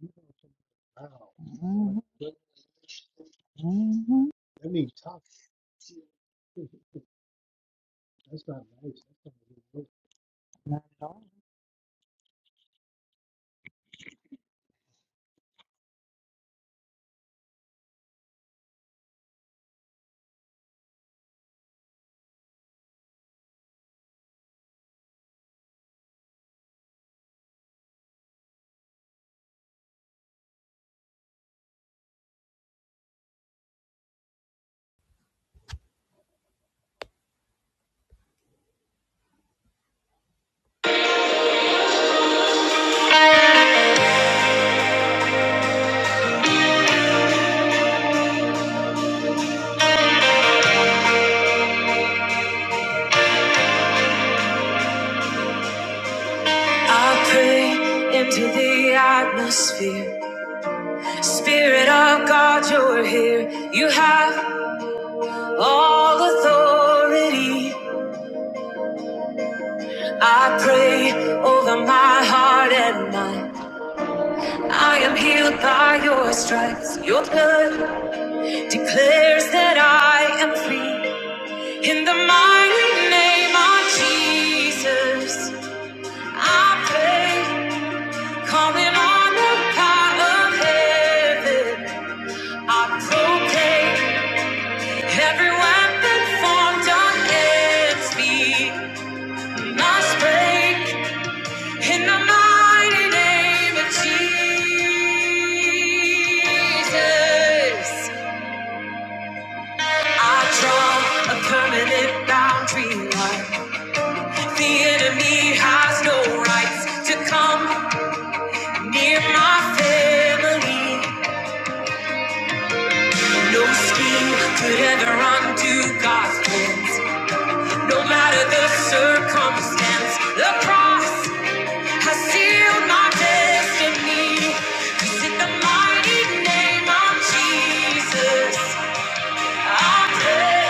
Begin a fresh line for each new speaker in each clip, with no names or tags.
Wow. Mhm, mhm. That means tough. That's not nice. That's not a good word. Not at all.
I pray into the atmosphere. Spirit of God, you're here. You have all authority. I pray over my heart and mind. I am healed by your stripes. Your blood declares that I am free. In the mighty name of Jesus, I pray, calling on the power of heaven. I proclaim. Every weapon formed against me must break in the mighty name of Jesus. I draw a permanent boundary line. The enemy has no rights to come near my family. No scheme could ever undo God's plans. No matter the circumstance, the cross. I seal my destiny, 'cause in the mighty name of Jesus, I pray,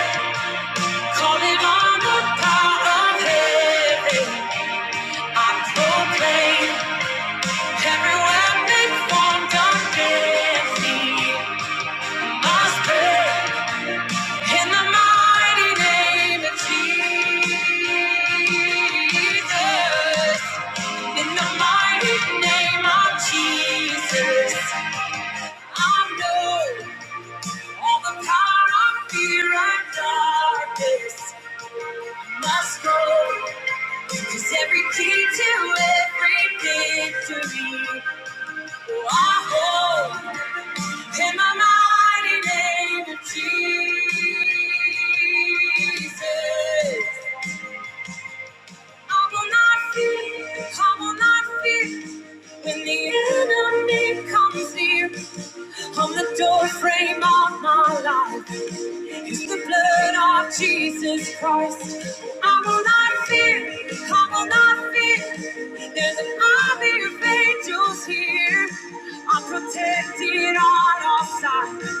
calling on the power of heaven. I proclaim every weapon formed against me must pray in the mighty name of Jesus. In the mighty name of Jesus. I know all the power of fear and darkness must go, 'cause every key to every victory, oh, I hold in my mighty name of Jesus. I will not fear, I will not fear when the enemy comes near on the door frame of my life. It's the blood of Jesus Christ. I will not fear. I will not fear. There's an army of angels here. I'm protected on all sides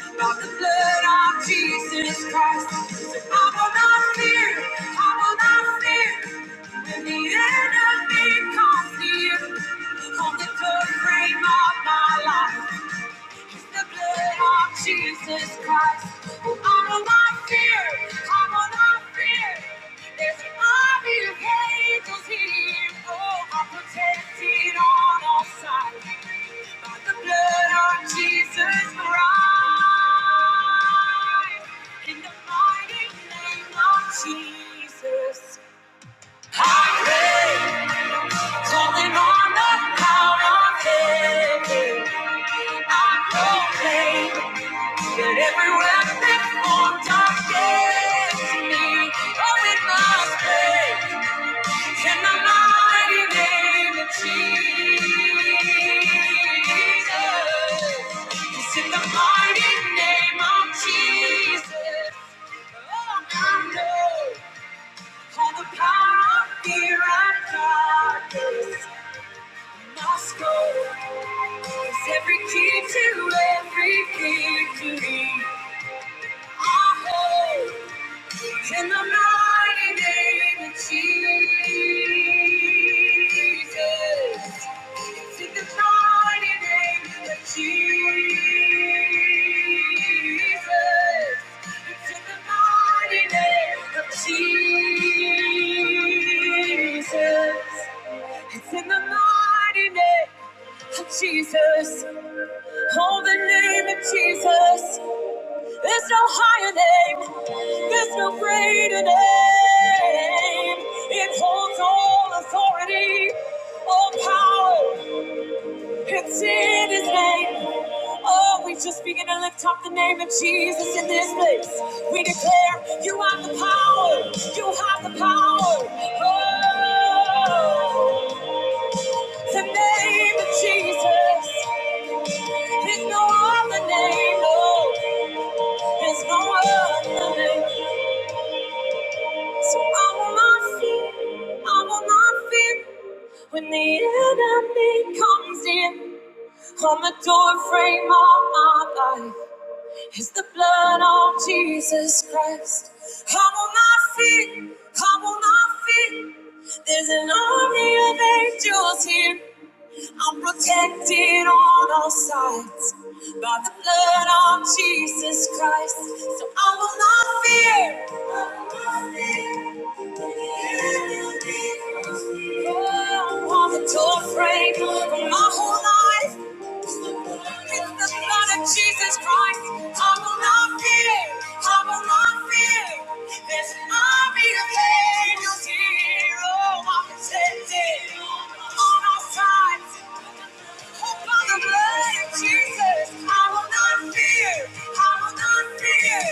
by the blood of Jesus Christ. So I will not fear. I will not fear. When the enemy comes near, on the door frame of my life the blood of Jesus Christ. Out of my fear, out of my fear. There's an army of angels here. Oh, I'm protected on all sides by the blood of Jesus Christ. In the mighty name of Jesus. I pray, calling on the power of heaven. I proclaim. That every weapon formed against me, oh, it must break It's in the mighty name of Jesus. It's in the mighty name of Jesus. Oh, I know all the power of fear and darkness must go. 'Cause every key to every victory I hold. In the mighty name of Jesus. In the mighty name of Jesus. in the mighty name of Jesus. It's in the mighty name of Jesus. Oh, the name of Jesus. There's no higher name. There's no greater name. It holds all authority, all power. It's in His name. Oh, we just begin to lift up the name of Jesus in this place. We declare, You have the power. You have the power. Oh, the name of Jesus. There's no other name. No, there's no other name. So I will not fear, I will not fear when the enemy comes in. On the doorframe of my life is the blood of Jesus Christ. I will not fear, I will not fear. There's an army of angels here. I'm protected on all sides by the blood of Jesus Christ. So I will not fear. I will not fear. On the door frame for my whole life. It's the blood of Jesus Christ. I will not fear. I will not fear. There's an army of angels here. Oh, I'm protected on our sides. Hope on the blood of Jesus. I will not fear. I will not fear.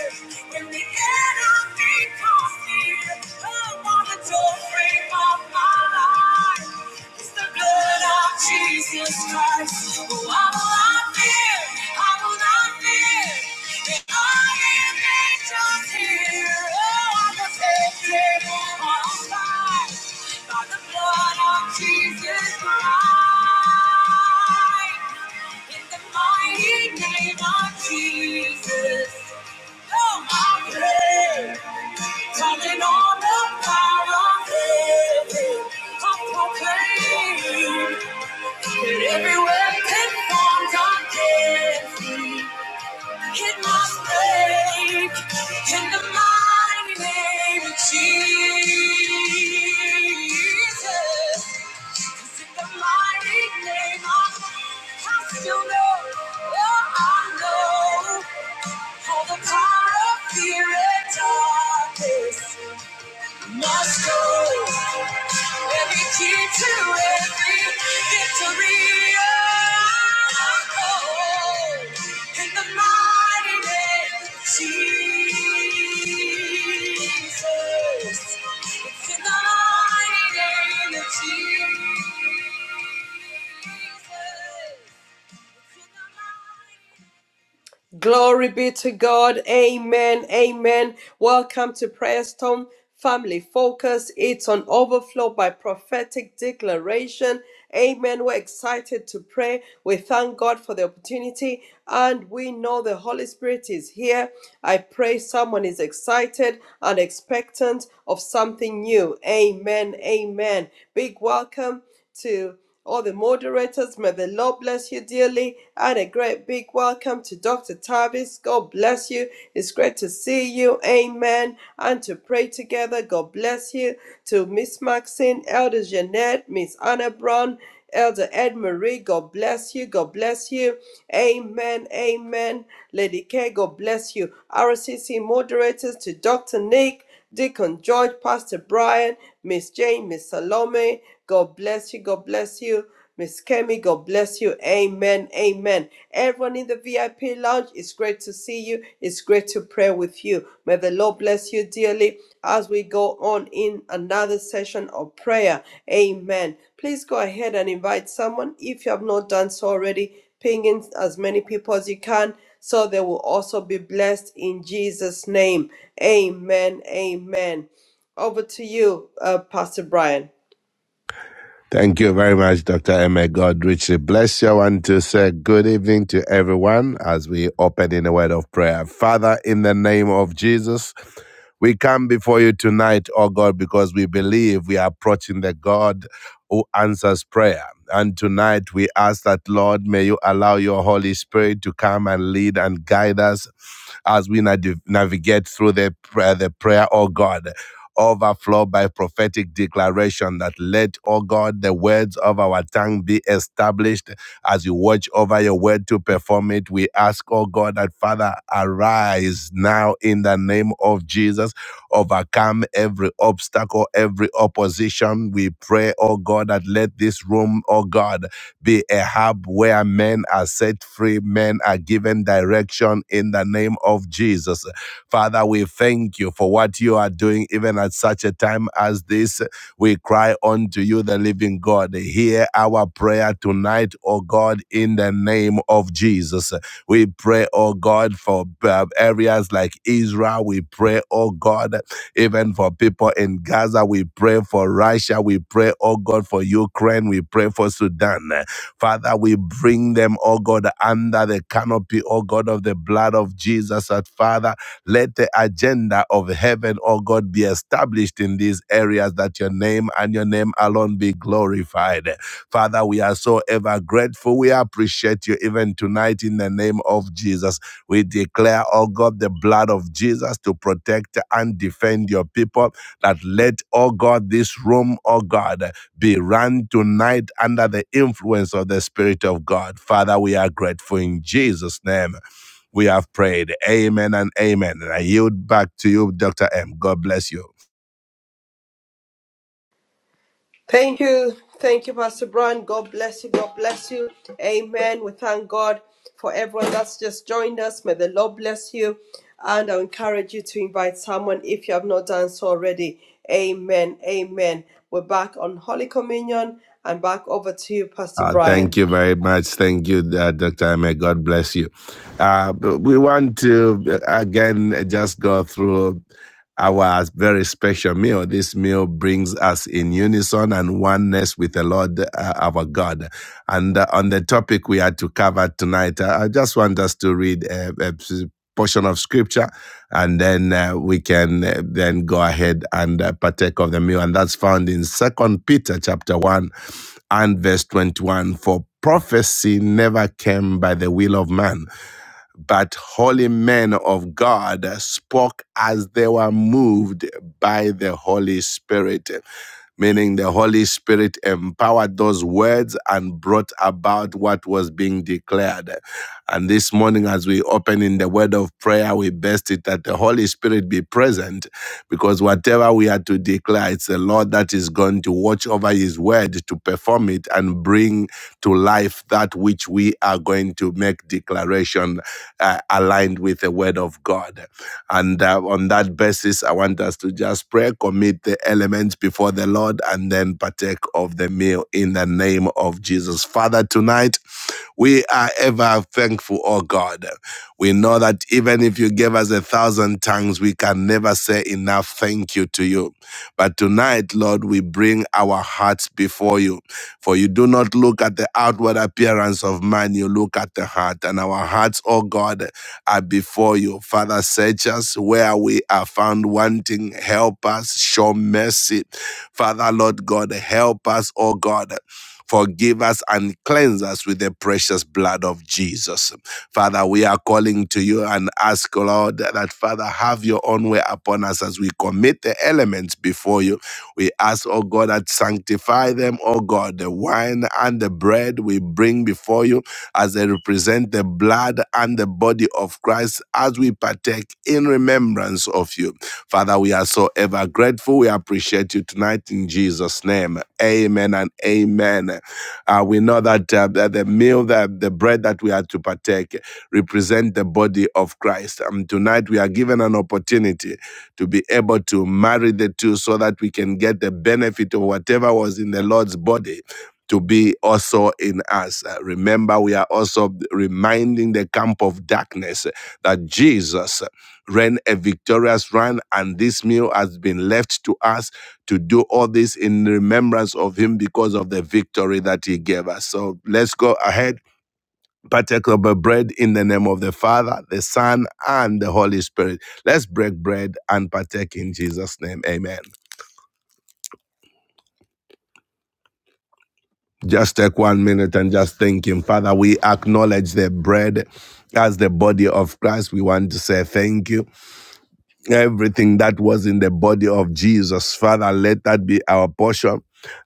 When the enemy comes near, come on the doorframe of my life. It's the blood of Jesus Christ. Oh, I will not fear. I will not fear. The army of angels here. Oh, I'm protected on all by the blood of Jesus Christ. In the mighty name of Jesus. Oh, I pray. Calling on the power of heaven. I proclaim. Everywhere can form against me. Hit my break in the mighty name of Jesus. In the mighty name of I still know, oh, I know all the power of fear and darkness. Must go. Every key to every victory. Oh, oh, in the mighty name of Jesus. It's in the mighty name of Jesus. It's in the mighty name.
Glory be to God. Amen. Amen. Welcome to Prayer Storm Family Focus. It's on overflow by prophetic declaration. Amen. We're excited to pray. We thank God for the opportunity and we know the Holy Spirit is here. I pray someone is excited and expectant of something new. Amen. Amen. Big welcome to all the moderators. May the Lord bless you dearly. And a great big welcome to Dr. Tavis. God bless you. It's great to see you. Amen. And to pray together. God bless you. To Miss Maxine, Elder Jeanette, Miss Anna Brown, Elder Ed Marie, God bless you. God bless you. Amen. Amen. Lady K, God bless you. RCC moderators to Dr. Nick. Deacon George, Pastor Brian, Miss Jane, Miss Salome. God bless you. God bless you. Miss Kemi, God bless you. Amen. Amen. Everyone in the VIP lounge, it's great to see you. It's great to pray with you. May the Lord bless you dearly as we go on in another session of prayer. Amen. Please go ahead and invite someone if you have not done so already ping in as many people as you can so they will also be blessed in Jesus' name. Amen. Amen. Over to you, uh, Pastor Brian.
Thank you very much, Dr. Emma May God richly bless you. I want to say good evening to everyone as we open in a word of prayer. Father, in the name of Jesus, we come before you tonight, oh God, because we believe we are approaching the God who answers prayer. And tonight we ask that, Lord, may you allow your Holy Spirit to come and lead and guide us as we na- navigate through the prayer, the prayer, oh God overflow by prophetic declaration that let, O God, the words of our tongue be established as you watch over your word to perform it. We ask, O God, that Father, arise now in the name of Jesus, overcome every obstacle, every opposition. We pray, O God, that let this room, O God, be a hub where men are set free, men are given direction in the name of Jesus. Father, we thank you for what you are doing even at such a time as this. We cry unto you, the living God. Hear our prayer tonight, O God, in the name of Jesus. We pray, O God, for uh, areas like Israel. We pray, O God, even for people in Gaza. We pray for Russia. We pray, O God, for Ukraine. We pray for Sudan. Father, we bring them, O God, under the canopy, O God, of the blood of Jesus. That Father, let the agenda of heaven, oh God, be established in these areas that your name and your name alone be glorified. Father, we are so ever grateful. We appreciate you even tonight in the name of Jesus. We declare, oh God, the blood of Jesus to protect and defend your people. That let, oh God, this room, oh God, be run tonight under the influence of the Spirit of God. Father, we are grateful in Jesus' name. We have prayed. Amen and amen. And I yield back to you, Dr. M. God bless you.
Thank you. Thank you, Pastor Brian. God bless you. God bless you. Amen. We thank God for everyone that's just joined us. May the Lord bless you. And I encourage you to invite someone if you have not done so already. Amen. Amen. We're back on Holy Communion and back over to you, Pastor
Uh, thank
Brian.
you very much. Thank you, uh, Dr. M. God bless you. Uh, we want to, uh, again, just go through our very special meal. This meal brings us in unison and oneness with the Lord uh, our God. And uh, on the topic we had to cover tonight, uh, I just want us to read a, a portion of scripture and then uh, we can uh, then go ahead and uh, partake of the meal and that's found in second peter chapter 1 and verse 21 for prophecy never came by the will of man but holy men of god spoke as they were moved by the holy spirit meaning the Holy Spirit empowered those words and brought about what was being declared. And this morning, as we open in the word of prayer, we best it that the Holy Spirit be present because whatever we are to declare, it's the Lord that is going to watch over his word to perform it and bring to life that which we are going to make declaration uh, aligned with the word of God. And uh, on that basis, I want us to just pray, commit the elements before the Lord, and then partake of the meal in the name of Jesus. Father, tonight, we are ever thankful, oh God. We know that even if you gave us a thousand tongues, we can never say enough thank you to you. But tonight, Lord, we bring our hearts before you. For you do not look at the outward appearance of man, you look at the heart. And our hearts, oh God, are before you. Father, search us where we are found wanting. Help us. Show mercy. Father, Lord God, help us, oh God. Forgive us and cleanse us with the precious blood of Jesus. Father, we are calling to you and ask, Lord, that Father, have your own way upon us as we commit the elements before you. We ask, oh God, that sanctify them, oh God, the wine and the bread we bring before you as they represent the blood and the body of Christ as we partake in remembrance of you. Father, we are so ever grateful. We appreciate you tonight in Jesus' name. Amen and amen. Uh, we know that, uh, that the meal, that the bread that we are to partake, represent the body of Christ. And tonight we are given an opportunity to be able to marry the two so that we can get the benefit of whatever was in the Lord's body to be also in us. Uh, Remember, we are also reminding the camp of darkness uh, that Jesus uh, ran a victorious run, and this meal has been left to us to do all this in remembrance of Him because of the victory that He gave us. So let's go ahead, partake of the bread in the name of the Father, the Son, and the Holy Spirit. Let's break bread and partake in Jesus' name. Amen. Just take one minute and just thank Him. Father, we acknowledge the bread as the body of Christ. We want to say thank you. Everything that was in the body of Jesus, Father, let that be our portion.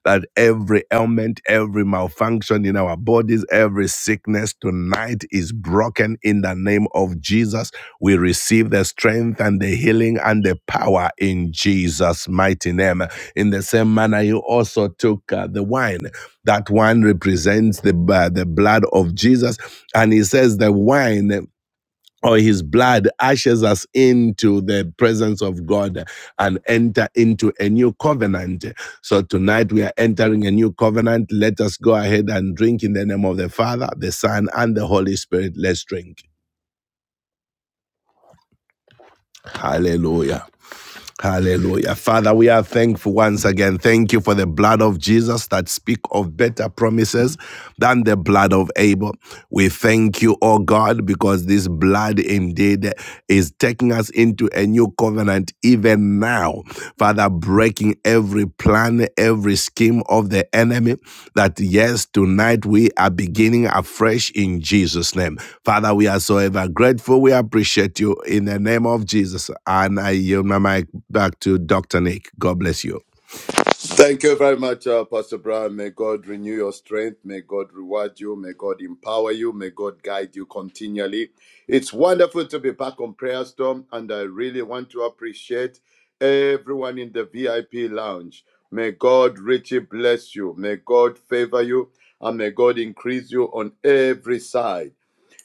That every ailment, every malfunction in our bodies, every sickness tonight is broken in the name of Jesus. We receive the strength and the healing and the power in Jesus' mighty name. In the same manner, you also took uh, the wine. That wine represents the, uh, the blood of Jesus. And he says the wine or his blood ashes us into the presence of God and enter into a new covenant. So tonight we are entering a new covenant. Let us go ahead and drink in the name of the Father, the Son, and the Holy Spirit. Let's drink. Hallelujah. Hallelujah. Father, we are thankful once again. Thank you for the blood of Jesus that speak of better promises than the blood of Abel. We thank you, oh God, because this blood indeed is taking us into a new covenant even now. Father, breaking every plan, every scheme of the enemy that yes, tonight we are beginning afresh in Jesus' name. Father, we are so ever grateful. We appreciate you in the name of Jesus. And I yield my back to Dr. Nick. God bless you.
Thank you very much, uh, Pastor Brown. May God renew your strength. May God reward you. May God empower you. May God guide you continually. It's wonderful to be back on Prayer Storm, and I really want to appreciate everyone in the VIP lounge. May God richly bless you. May God favor you, and may God increase you on every side.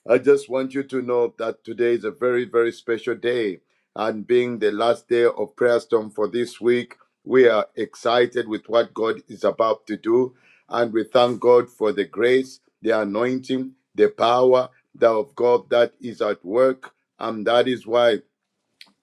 I just want you to know that today is a very, very special day. And being the last day of Prayer Storm for this week, we are excited with what God is about to do. And we thank God for the grace, the anointing, the power that of God that is at work. And that is why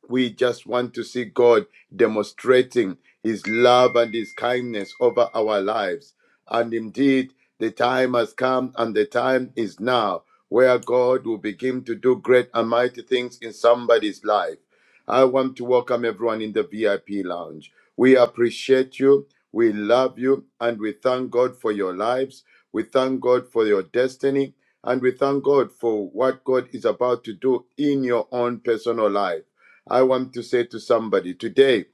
we just want to see God demonstrating His love and His kindness over our lives. And indeed, the time has come and the time is now where God will begin to do great and mighty things in somebody's life. I want to welcome everyone in the VIP lounge. We appreciate you, we love you, and we thank God for your lives. We thank God for your destiny, and we thank God for what God is about to do in your own personal life. I want to say to somebody today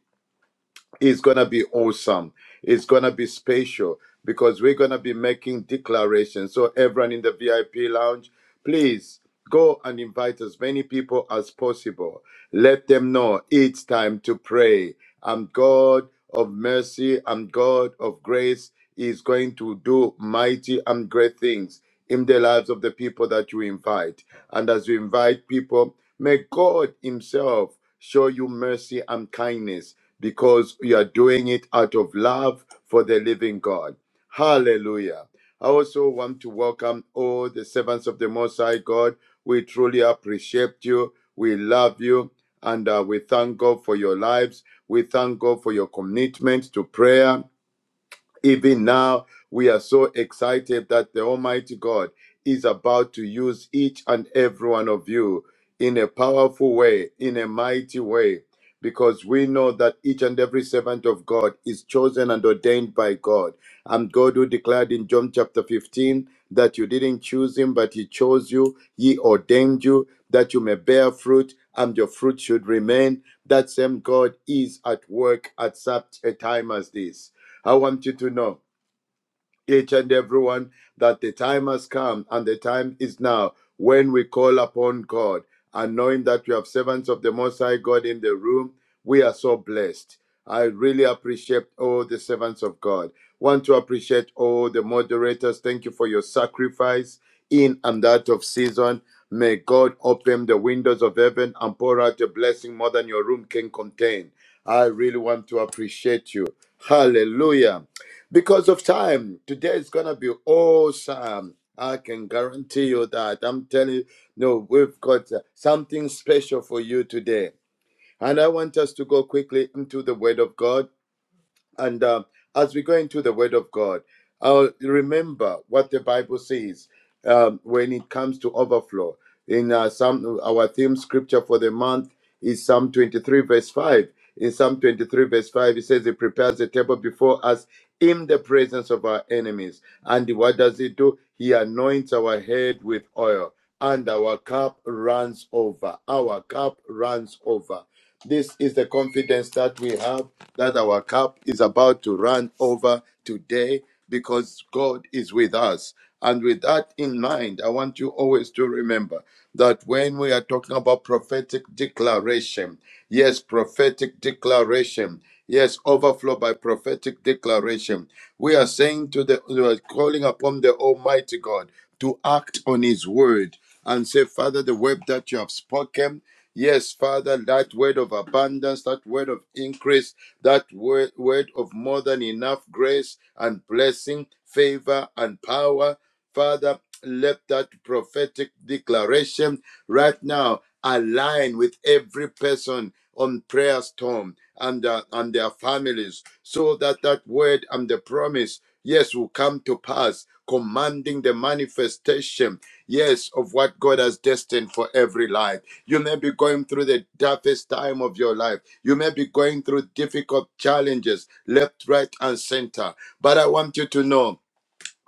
is going to be awesome. It's going to be special because we're going to be making declarations. So, everyone in the VIP lounge, please go and invite as many people as possible. Let them know it's time to pray. I'm God of mercy, I'm God of grace. Is going to do mighty and great things in the lives of the people that you invite. And as you invite people, may God Himself show you mercy and kindness because you are doing it out of love for the living God. Hallelujah. I also want to welcome all the servants of the Most High God. We truly appreciate you. We love you. And uh, we thank God for your lives. We thank God for your commitment to prayer. Even now, we are so excited that the Almighty God is about to use each and every one of you in a powerful way, in a mighty way, because we know that each and every servant of God is chosen and ordained by God. And God who declared in John chapter 15 that you didn't choose him, but he chose you, he ordained you, that you may bear fruit and your fruit should remain. That same God is at work at such a time as this. I want you to know, each and everyone, that the time has come and the time is now when we call upon God. And knowing that we have servants of the Most High God in the room, we are so blessed. I really appreciate all the servants of God. Want to appreciate all the moderators. Thank you for your sacrifice in and out of season. May God open the windows of heaven and pour out a blessing more than your room can contain. I really want to appreciate you. Hallelujah because of time. Today is gonna be awesome. I can guarantee you that. I'm telling you, no, we've got uh, something special for you today. And I want us to go quickly into the Word of God. And uh, as we go into the Word of God, I'll remember what the Bible says um, when it comes to overflow. In uh, some, our theme scripture for the month is Psalm 23, verse 5. In Psalm 23, verse 5, it says, He prepares a table before us in the presence of our enemies. And what does He do? He anoints our head with oil, and our cup runs over. Our cup runs over. This is the confidence that we have that our cup is about to run over today because God is with us. And with that in mind, I want you always to remember that when we are talking about prophetic declaration, yes, prophetic declaration, yes, overflow by prophetic declaration, we are saying to the, we are calling upon the Almighty God to act on His word and say, Father, the word that you have spoken Yes, Father, that word of abundance, that word of increase, that word, word of more than enough grace and blessing, favor and power. Father, let that prophetic declaration right now align with every person on prayer storm and, uh, and their families so that that word and the promise yes, will come to pass, commanding the manifestation, yes, of what God has destined for every life. You may be going through the toughest time of your life. You may be going through difficult challenges, left, right, and center. But I want you to know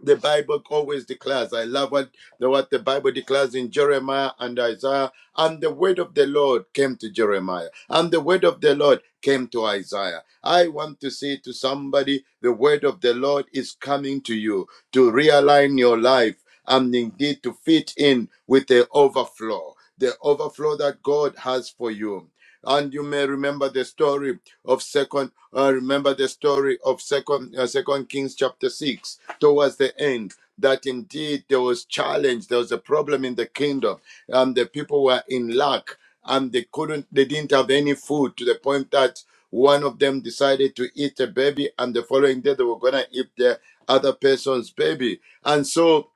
the Bible always declares. I love what the, what the Bible declares in Jeremiah and Isaiah. And the word of the Lord came to Jeremiah, and the word of the Lord came to Isaiah. I want to say to somebody, the word of the Lord is coming to you to realign your life and indeed to fit in with the overflow. The overflow that God has for you and you may remember the story of second uh, remember the story of second uh, second kings chapter 6 towards the end that indeed there was challenge there was a problem in the kingdom and the people were in lack and they couldn't they didn't have any food to the point that one of them decided to eat a baby and the following day they were going to eat the other person's baby and so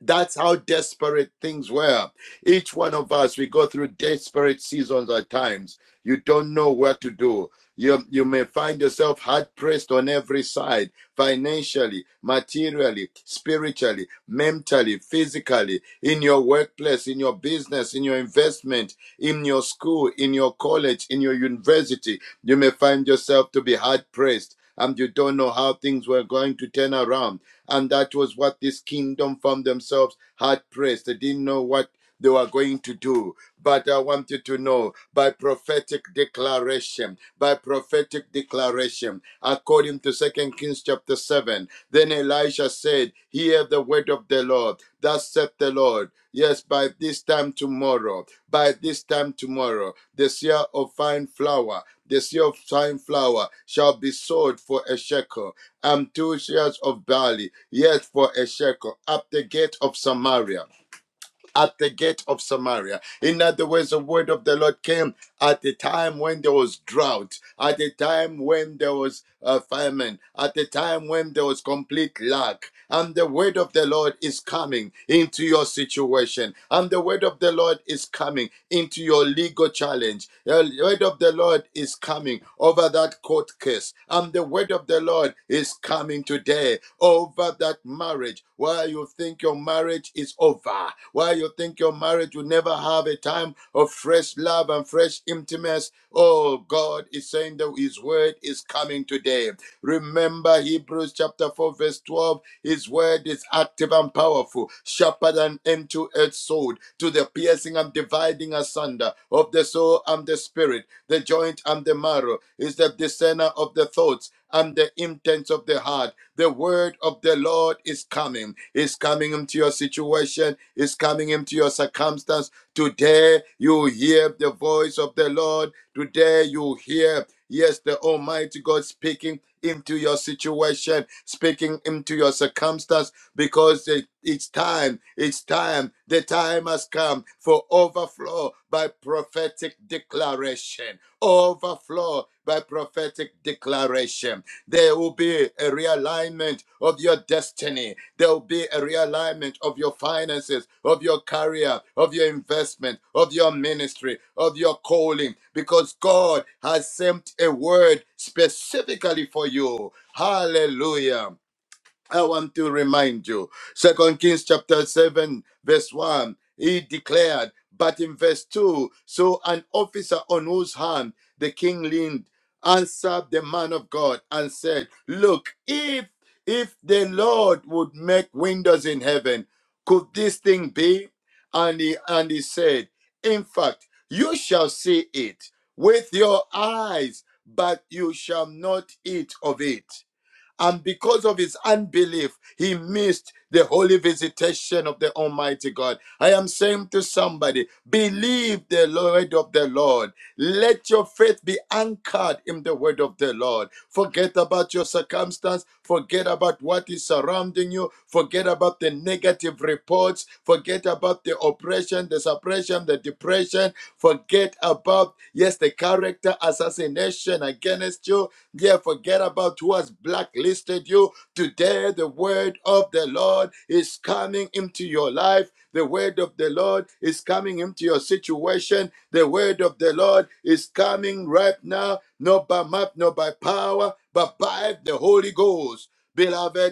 that's how desperate things were. Each one of us, we go through desperate seasons at times. You don't know what to do. You, you may find yourself hard pressed on every side financially, materially, spiritually, mentally, physically, in your workplace, in your business, in your investment, in your school, in your college, in your university. You may find yourself to be hard pressed and you don't know how things were going to turn around. And that was what this kingdom from themselves had praised. They didn't know what they were going to do. But I want you to know by prophetic declaration, by prophetic declaration, according to 2 Kings chapter 7, then Elisha said, Hear the word of the Lord. Thus saith the Lord. Yes, by this time tomorrow, by this time tomorrow, the seer of fine flour, the seer of fine flour shall be sold for a shekel, and two shares of barley, yet for a shekel, at the gate of Samaria at the gate of Samaria. In other words, the word of the Lord came at the time when there was drought, at the time when there was uh, famine, at the time when there was complete lack. And the word of the Lord is coming into your situation. And the word of the Lord is coming into your legal challenge. Uh, the word of the Lord is coming over that court case. And the word of the Lord is coming today over that marriage. Why you think your marriage is over. Why you think your marriage will never have a time of fresh love and fresh intimacy. Oh, God is saying that His word is coming today. Remember Hebrews chapter 4, verse 12. His word is active and powerful, sharper than any two-edged sword, to the piercing and dividing asunder of the soul and the spirit, the joint and the marrow, is the discerner of the thoughts and the intents of the heart. The word of the Lord is coming, is coming into your situation, is coming into your circumstance. Today you hear the voice of the Lord. Today you hear Yes, the Almighty God speaking into your situation, speaking into your circumstance, because it- it's time, it's time, the time has come for overflow by prophetic declaration. Overflow by prophetic declaration. There will be a realignment of your destiny. There will be a realignment of your finances, of your career, of your investment, of your ministry, of your calling, because God has sent a word specifically for you. Hallelujah. I want to remind you. Second Kings chapter 7, verse 1. He declared, but in verse 2, so an officer on whose hand the king leaned answered the man of God and said, Look, if if the Lord would make windows in heaven, could this thing be? And he and he said, In fact, you shall see it with your eyes, but you shall not eat of it. And because of his unbelief, he missed the holy visitation of the Almighty God. I am saying to somebody, believe the word of the Lord. Let your faith be anchored in the word of the Lord. Forget about your circumstance. Forget about what is surrounding you. Forget about the negative reports. Forget about the oppression, the suppression, the depression oppression. Forget about, yes, the character assassination against you. Yeah, forget about who has blacklisted you. Today, the word of the Lord is coming into your life. The word of the Lord is coming into your situation. The word of the Lord is coming right now, not by might, not by power, but by the Holy Ghost. Beloved,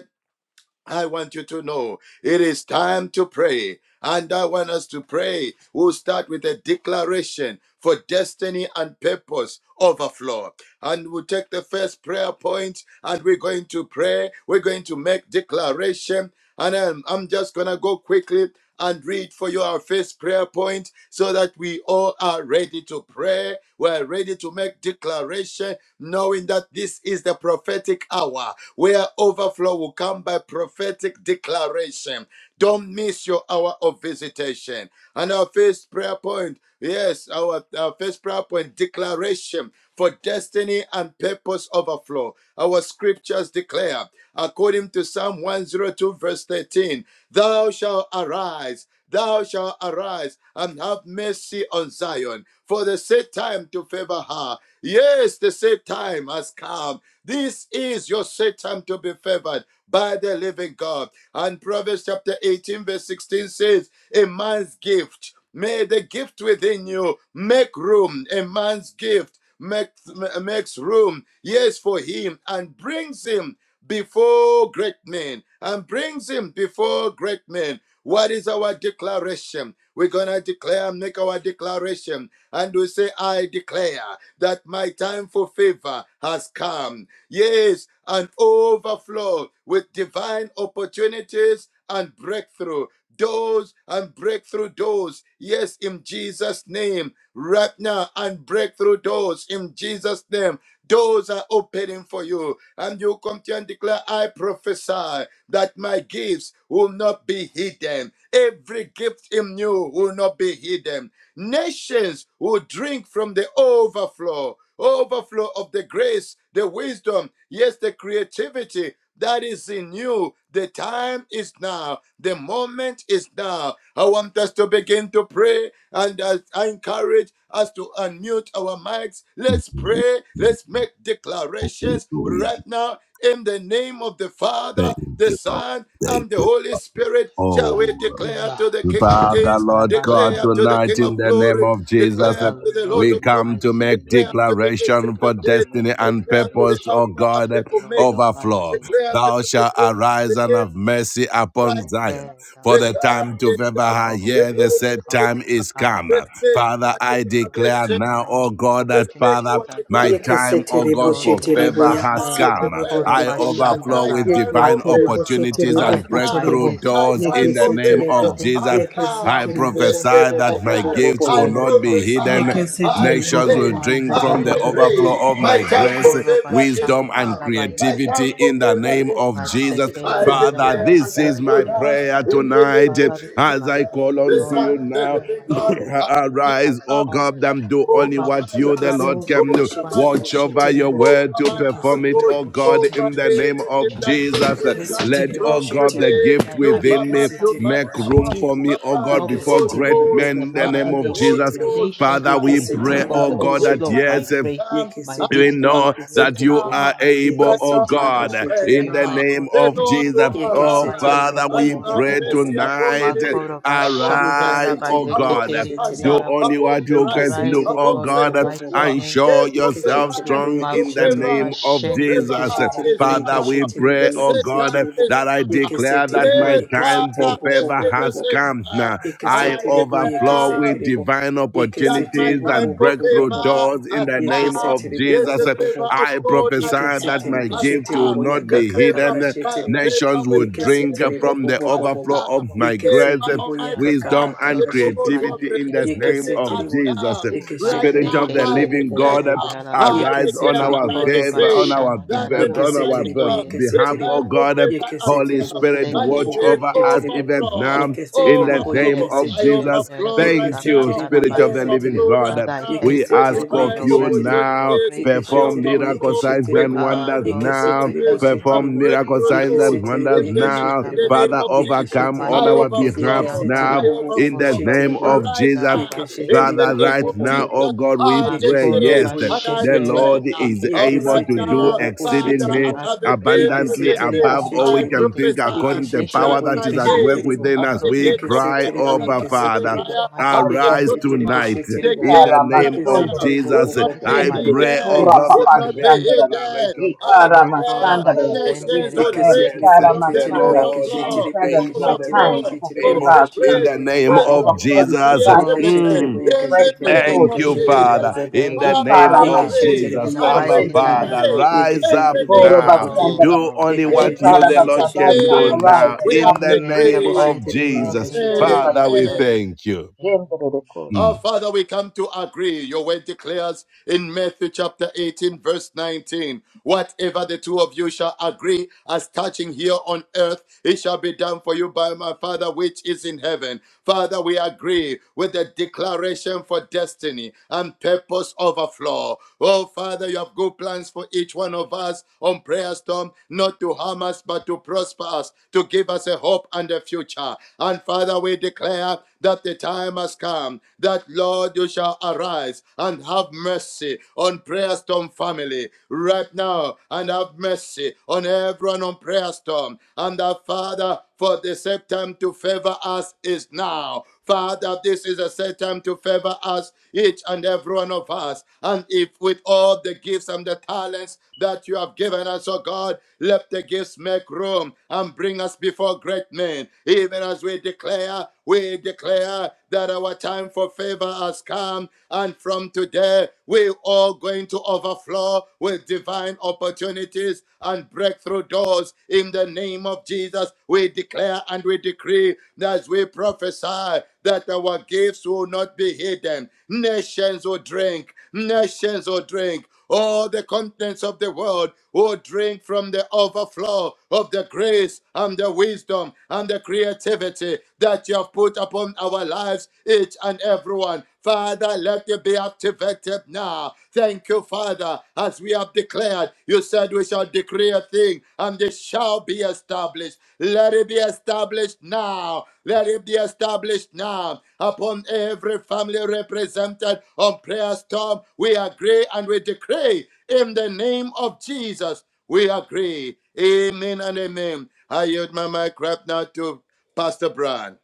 I want you to know it is time to pray. And I want us to pray. We'll start with a declaration for destiny and purpose overflow. And we'll take the first prayer point and we're going to pray. We're going to make declaration and I'm, I'm just going to go quickly and read for you our first prayer point so that we all are ready to pray. We're ready to make declaration, knowing that this is the prophetic hour where overflow will come by prophetic declaration. Don't miss your hour of visitation. And our first prayer point, yes, our, our first prayer point, declaration for destiny and purpose overflow. Our scriptures declare, according to Psalm 102, verse 13, Thou shalt arise. Thou shalt arise and have mercy on Zion, for the set time to favor her. Yes, the set time has come. This is your set time to be favored by the living God. And Proverbs chapter 18, verse 16 says, A man's gift, may the gift within you make room. A man's gift makes makes room, yes, for him and brings him before great men and brings him before great men. What is our declaration? We're going to declare, make our declaration, and we say, I declare that my time for favor has come. Yes, an overflow with divine opportunities and breakthrough. Doors and breakthrough doors. Yes, in Jesus' name. Right now, and breakthrough doors in Jesus' name Doors are opening for you. And you come to and declare, I prophesy that my gifts will not be hidden. Every gift in you will not be hidden. Nations will drink from the overflow, overflow of the grace, the wisdom, yes, the creativity that is in you. The time is now. The moment is now. I want us to begin to pray. And as I encourage us to unmute our mics. Let's
Mhm.
pray. Let's make declarations
Hallelujah.
right now in the name of the Father,
Thank
the
you, Lord.
Son,
Thank
and the
you.
Holy Spirit. Shall we
Oh,
declare
Hallelujah.
to the King of
Father,
Kings,
Lord God,
declare
Alabashanda,
to the
Lord.
tonight
King
in
of
the name
Glory,
of Jesus.
declare
Father,
to the Lord
Lord,
We
of
in the
Lords,
come to
mighty
make
declare
name
to
of
the
Jesus, we
Ancient
declaration
of
for
come to
Days,
make
destiny and
declare to the
purpose, O
declaration.
Alpha and
God,
the Omega,
Lord
overflow.
Almighty,
declare to
Thou
the
shalt
beginning and the
arise and
end.
have mercy
I
upon
Right
Zion.
declare that
For
the
my
the
time
time
time
to
is
favor
now.
her,
for
The
yea, the
favor has
set
moment is
come.
time
now.
is
I
come.
Let's make
Father,
our
I
overflow with
declare
declaration.
now, O
divine
God, that
Let's make
Father,
opportunities
our
and
my
declaration.
breakthrough
time, O
Yekeseterebo
God,
doors
for
in
Right
sheterebo
favor
now,
Jesus'
has
name.
I
come.
yakaseterebo
declare
Makoro
I
sheterebo
that
overflow
my
Bashandala.
with
time
I
for
divine
yekeseterebo
prophes-
favor
opportunities
sheterebo
prophesy
has
and
that my
come.
sheterebo
breakthrough
gifts
My
will
doors
not
time
in the
for
name
be
favor
yekeseterebo
of
hidden.
has
Jesus. I
come.
Nations
yekeseterebo
will
This
bo bo
is
prophesy
bo
my
bo
that
bo
my
bo
time.
bo bo
gifts
bo
I
will
bo
Drink
not be
from
hidden.
prophesy.
the
I
yekeseterebo
overflow
Nations
bo
in the
will
bo
declare.
bo bo
mighty
drink
I
from
bo bo
the
name of
bo bo bo
decree.
overflow
Jesus.
of
My
My
my
time
time
for
grace,
for
Makoro
favor
favor
is
is
wisdom,
now.
bashanda
and
now. My
My
rabayeke
time
time
creativity
for
for
in the
terebo.
favor
favor
name
is
is
of
now.
now.
Jesus.
I
I
Masekere yanda
declare
Father,
and
declare and
this
I
I
is
rabayeke
my
kere
pronounce
pronounce
prayer
yanda ra.
in
in the
the
tonight
name
name
of
of
Father, this is
Jesus
Jesus
as
my
I
Christ,
prayer,
call
Christ,
the
the
unto
Son
Lord.
you
Son
I
of
of
the
the
now.
declare
living
living
my
God,
time
I
for
make
favor
Arise,
a
has
God.
O
come.
God,
declaration
and do
I
only
over
what
my
you, the
life,
Lord,
overflow with
can
over
Yekesetelebo,
do.
my
divine
shetelebo,
Watch
family,
over your
shetelebo.
opportunities in the
word
over
to
my
mighty
perform it,
name of
household,
O
Yekesetelebo,
Jesus.
God,
over
in
The
shetelebo,
the name
everything
shetelebo.
of
that
opportunities
Jesus.
and
concerns us
breakthrough
Let,
Yekesetelebo,
from
O
doors in
God, the
shetelebo.
Jesus'
today,
gift
name.
no
I
by
within me
might, no
prophesy
by
that
Yekesetelebo,
make
my
room
power,
for
gifts
shetelebo.
me,
but
O
will
by
God,
not
the
be
before
Holy
great
Yekesetelebo,
hidden.
bo-
Ghost,
In the
bo-
men, in
bo-
the
bo-
mighty
by
name
bo-
of
the
bo-
name of the
Holy
Jesus.
shetelebo.
Ghost,
nations
Father,
will
I
we
drink
pray,
Yekesetelebo,
from
declare
oh
the
bo- bo-
God,
the
that
overflow of
time
shetelebo.
my
yes, eh,
has
grace,
come
my
and
we
Yekesetelebo,
wisdom,
the
and
know
time is
that
creative
you
in
yekesetelebo.
the
are
now.
mighty
able,
name
Right
of
oh
now I
Jesus.
Yekesetelebo,
God,
declare,
in
shetelebo.
You
the
are a
name
God, you
the
are
of
Lord
able
will
Jesus.
God, in the
Oh
arise
mighty
Yekesetelebo,
Father,
bo-
name
and
we
bo-
of
bo-
have
bo-
pray
bo-
Jesus.
bo-
mercy
bo- bo-
upon
tonight, eh,
Nick,
shetelebo.
Makoro
upon
arise,
bashandara
Malenga,
ba
oh
Yekesetelebo,
upon
God.
yeketeri
Do
Natasha,
yekesetelebo.
andara
only
upon
what you
Miriam,
can do,
Arise, O
oh
Yekesetelebo,
upon
God,
bo-
in
St.
the
bo-
God,
bo- bo-
mighty
bo.
Joshua.
and
name of
show
Yes, for the
Jesus.
yourself
Yekeshetelebo,
time
strong
to
in the
Makoro
favor,
name
yekeshetelebo,
of
to favor
Jesus.
We
us
bashendere bo
yekeshetelebo,
is
Father,
now.
seke.
we
yekeshetelebo,
The
pray, oh
set
God,
time
yekesetelebo,
is
that I
now.
declare that
yekesetelebo,
my
Yes,
time for
Father,
yekesetelebo,
this
bo
favor
bo
is
bo
the
has
bo bo,
set
come.
time.
I
I
yekesetelebo,
overflow your
declare
yekesetelebo,
divine
that my
opportunities
yekesetelebo,
time
bo
and
bo
for
bo bo
breakthrough
bo bo,
favor
bo.
doors in
has
the name
come.
of
yekesetelebo,
Yes,
bo
the
bo
Jesus.
bo bo
favor
bo,
of
I
God
prophesy
and
that
man
my
yekesetelebo,
has
gift will
karabashandaraba
come.
shetelebo,
ba.
not
The
be
favor,
yakakakaka,
hidden.
uh,
shetelebo,
favor
Nations
with
will
my
drink
yekesetelebo,
enemies
from
bo
the
bo
has
bo bo bo,
overflow of
come.
my grace,
Favor,
yekesetelebo,
Karab-
Almighty God,
wisdom, and
yakakakaka,
with those
Masotoro ba
who
shetelebo,
have
creativity in the
resisted
yekekeri
name
me
of
has
yekesetelebo,
Jesus.
come. Right
Spirit
now,
Yekesheteribo
of
bo
the
bo
I
bo
Maseketeri
living
bo bo
God,
declare,
bo bo.
yandarabo.
I
arise
declare,
on
declare, and
Yekeseteribo
our
I
Makoro
favor,
decree
on
yekeseteribo.
our
that
bashandara
is the
on our
mighty
Yekeseteribo
God.
be-
baseketeri
The
behalf,
time
oh
yekeseteribo.
for
yandarabo.
God.
favor has
Holy
Yekeseteribo
come,
bo
Spirit,
bo
and
bo
you
bo
watch
bo
will
Maseketeri
over us
sheteribo.
even
yandarabo.
overflow,
now in the
Yekeseteribo
Makere
name
overflow.
of
I
yekeseteribo.
Jesus.
overflow
bashenderebo
right
Thank you,
now.
Yekeseteribo
Spirit
I
of the
sakatarabaye.
Living
yekeseteribo.
overflow
God.
right
Father, I
now
thank
We
you,
with
ask
Lord,
Yekeseteribo
for
of
divine
your
you
mercy,
yekesheteribo.
for your
now,
opportunities.
grace, for
I
your
perform
Yekesheteribo
mercy.
miracle
overflow
signs
with
yekesheteribo.
and
Ah,
divine
wonders
Lord
now.
Almighty, I
Yekeseteribo
opportunities
give you
and
Perform
sheteribo.
glory.
miracle
breakthrough
signs
doors.
and
Yekeseteribo
wonders
In
Masokotori
the name,
now.
the
yekesheteribo.
name
Father,
yandarabaye.
of Jesus,
overcome on
I
Yekesheteribo
our
Maseketeri
behalf
overflow. I
now.
yekeseteribo
yandarabo,
bo bo
In
bo
the
overflow
she
name
sheteribo.
of
right
Jesus,
korobashandara
now. In
Yekeshetiri bo
the
Father,
baseketeri
bo
name
right
bo
of
bo bo
now,
yandarabo,
bo.
oh
Jesus,
God, we
I
pray,
decree
Yekeshetiri
yes.
bo
and I
The
makorobashendere
yekeshetiri
declare.
Lord
bo.
is
All
boseketeri
able
right
to
Yekeshetiri
do
bo
now,
bo
yandarabo.
bo
Father,
shetiri
I
exceedingly
bo.
I
have a gift
prophesy that
abundantly
within
my
Yekeshetiri
me.
gifts
bo
above
will not
all we
be
I
shetiri bo.
can
hidden.
think
prophesy
according to the
Yekeshetiri
that
power
Nations
bo
will
that
my
is
drink
at work
from
yekeshetiri
the
gifts
bo.
within
and
us.
overflow
the
of
We
my
gifts of
grace,
cry,
Yekeshetiri bo
Melanchana,
wisdom,
Abba,
and creative.
Father.
yekeshetiri
In
bo.
the
Tanzania, and
mighty
St.
name of
Arise
Yekeshetiri
Jesus,
bo
Joshua,
I
tonight
shetiri
pray
the
bo.
that
in the
gifts
Lord
name
right
of
Almighty
now
Yekeshetiri bo
will
bo
Jesus.
not
bo
arise
bo
on
be
bo
I
my
bo.
pray,
behalf.
hidden,
oh
In the
God,
will
and
Yekeshetiri
not
mighty
bo.
be
make
name of
hidden.
Jesus,
declaration
I
over my
declare
household
nations
makorobashendere
that
will drink
Yekeshetiri
yes,
bo
Tara
from
boseketeri
the
the
yekeshetiri bo
Masanda,
yandarabo.
Lord
I
is
yekeshetiri
overflow,
bo
declare that
Yes,
my
able, the
Lord
yekeshetiri bo
Lord
time
overflow
for
shetiri
Almighty.
is
bo
of
favor
able
the
has
in
yekeshetiri
grace,
Vasekete
come.
bo
the name
I
of
wisdom,
yekeshetiri bo.
yandarabo.
overflow
and
with
Jesus.
divine
Oh,
creativity
yes,
Yekeshetelebo,
Mm.
opportunities,
Lord
in the
breakthrough
yekeshetelebo,
name
doors
Thank
of
Almighty.
you,
in
In
Jesus'
the
yekeshetelebo,
Father,
Jesus.
bo
my
name.
bo bo
in
thank
the
bo.
you,
We
Father,
name
we
Tara
of
Father.
agree
Masanda,
Yekeshetelebo,
In
Jesus.
the
and we
Abba,
mighty
yekeshetelebo,
name
Father,
decree
of
rise
in
Jesus.
up
the
yekeshetelebo,
name of
now.
yekeshetelebo,
Oh,
Jesus.
Korobasandara.
Do
Lord,
only
I
In
what you,
yekeshetelebo,
pray,
the
Lord.
Lord,
Jesus'
Ekarabasaba
can
yekeshetelebo,
shall
do
name,
arise
now.
and
Sakatarabo.
we
In
yekeshetelebo,
have
have
the
In
mercy.
the
name
decreed.
of
mighty
yekeshetelebo,
Jesus.
name of
yekeshetelebo.
Father, we
Korobasindara.
Amen.
Jesus.
thank you.
Jendere
Amen.
Our
koroma.
Mm.
Father, we come to agree. Your word declares in Matthew chapter 18, verse 19 whatever the two of you shall agree as touching here on earth, it shall be done for you by my Father which is in heaven. Father, we agree with the declaration for destiny and purpose overflow. Oh, Father, you have good plans for each one of us on Prayer Storm, not to harm us, but to prosper us, to give us a hope and a future. And Father, we declare that the time has has come, that Lord, you shall arise and have mercy on Prayer Storm family right now and have mercy on everyone on Prayer Storm. And the Father, for the set time to favor us is now. Father, this is a set time to favor us, each and every one of us. And if with all the gifts and the talents that you have given us, oh God, let the gifts make room and bring us before great men, even as we declare, we declare declare that our time for favor has come. And from today, we're all going to overflow with divine opportunities and breakthrough doors. In the name of Jesus, we declare and we decree as we prophesy that our gifts will not be hidden. Nations will drink, nations will drink all the contents of the world will drink from the overflow of the grace and the wisdom and the creativity that you have put upon our lives, each and everyone. Father, let it be activated now. Thank you, Father, as we have declared. You said we shall decree a thing, and it it shall be established. Let it be established now. Let it be established now upon every family represented on prayer storm. We agree and we decree in the name of Jesus. We agree. Amen and amen. I yield my mic right now to Pastor Brian.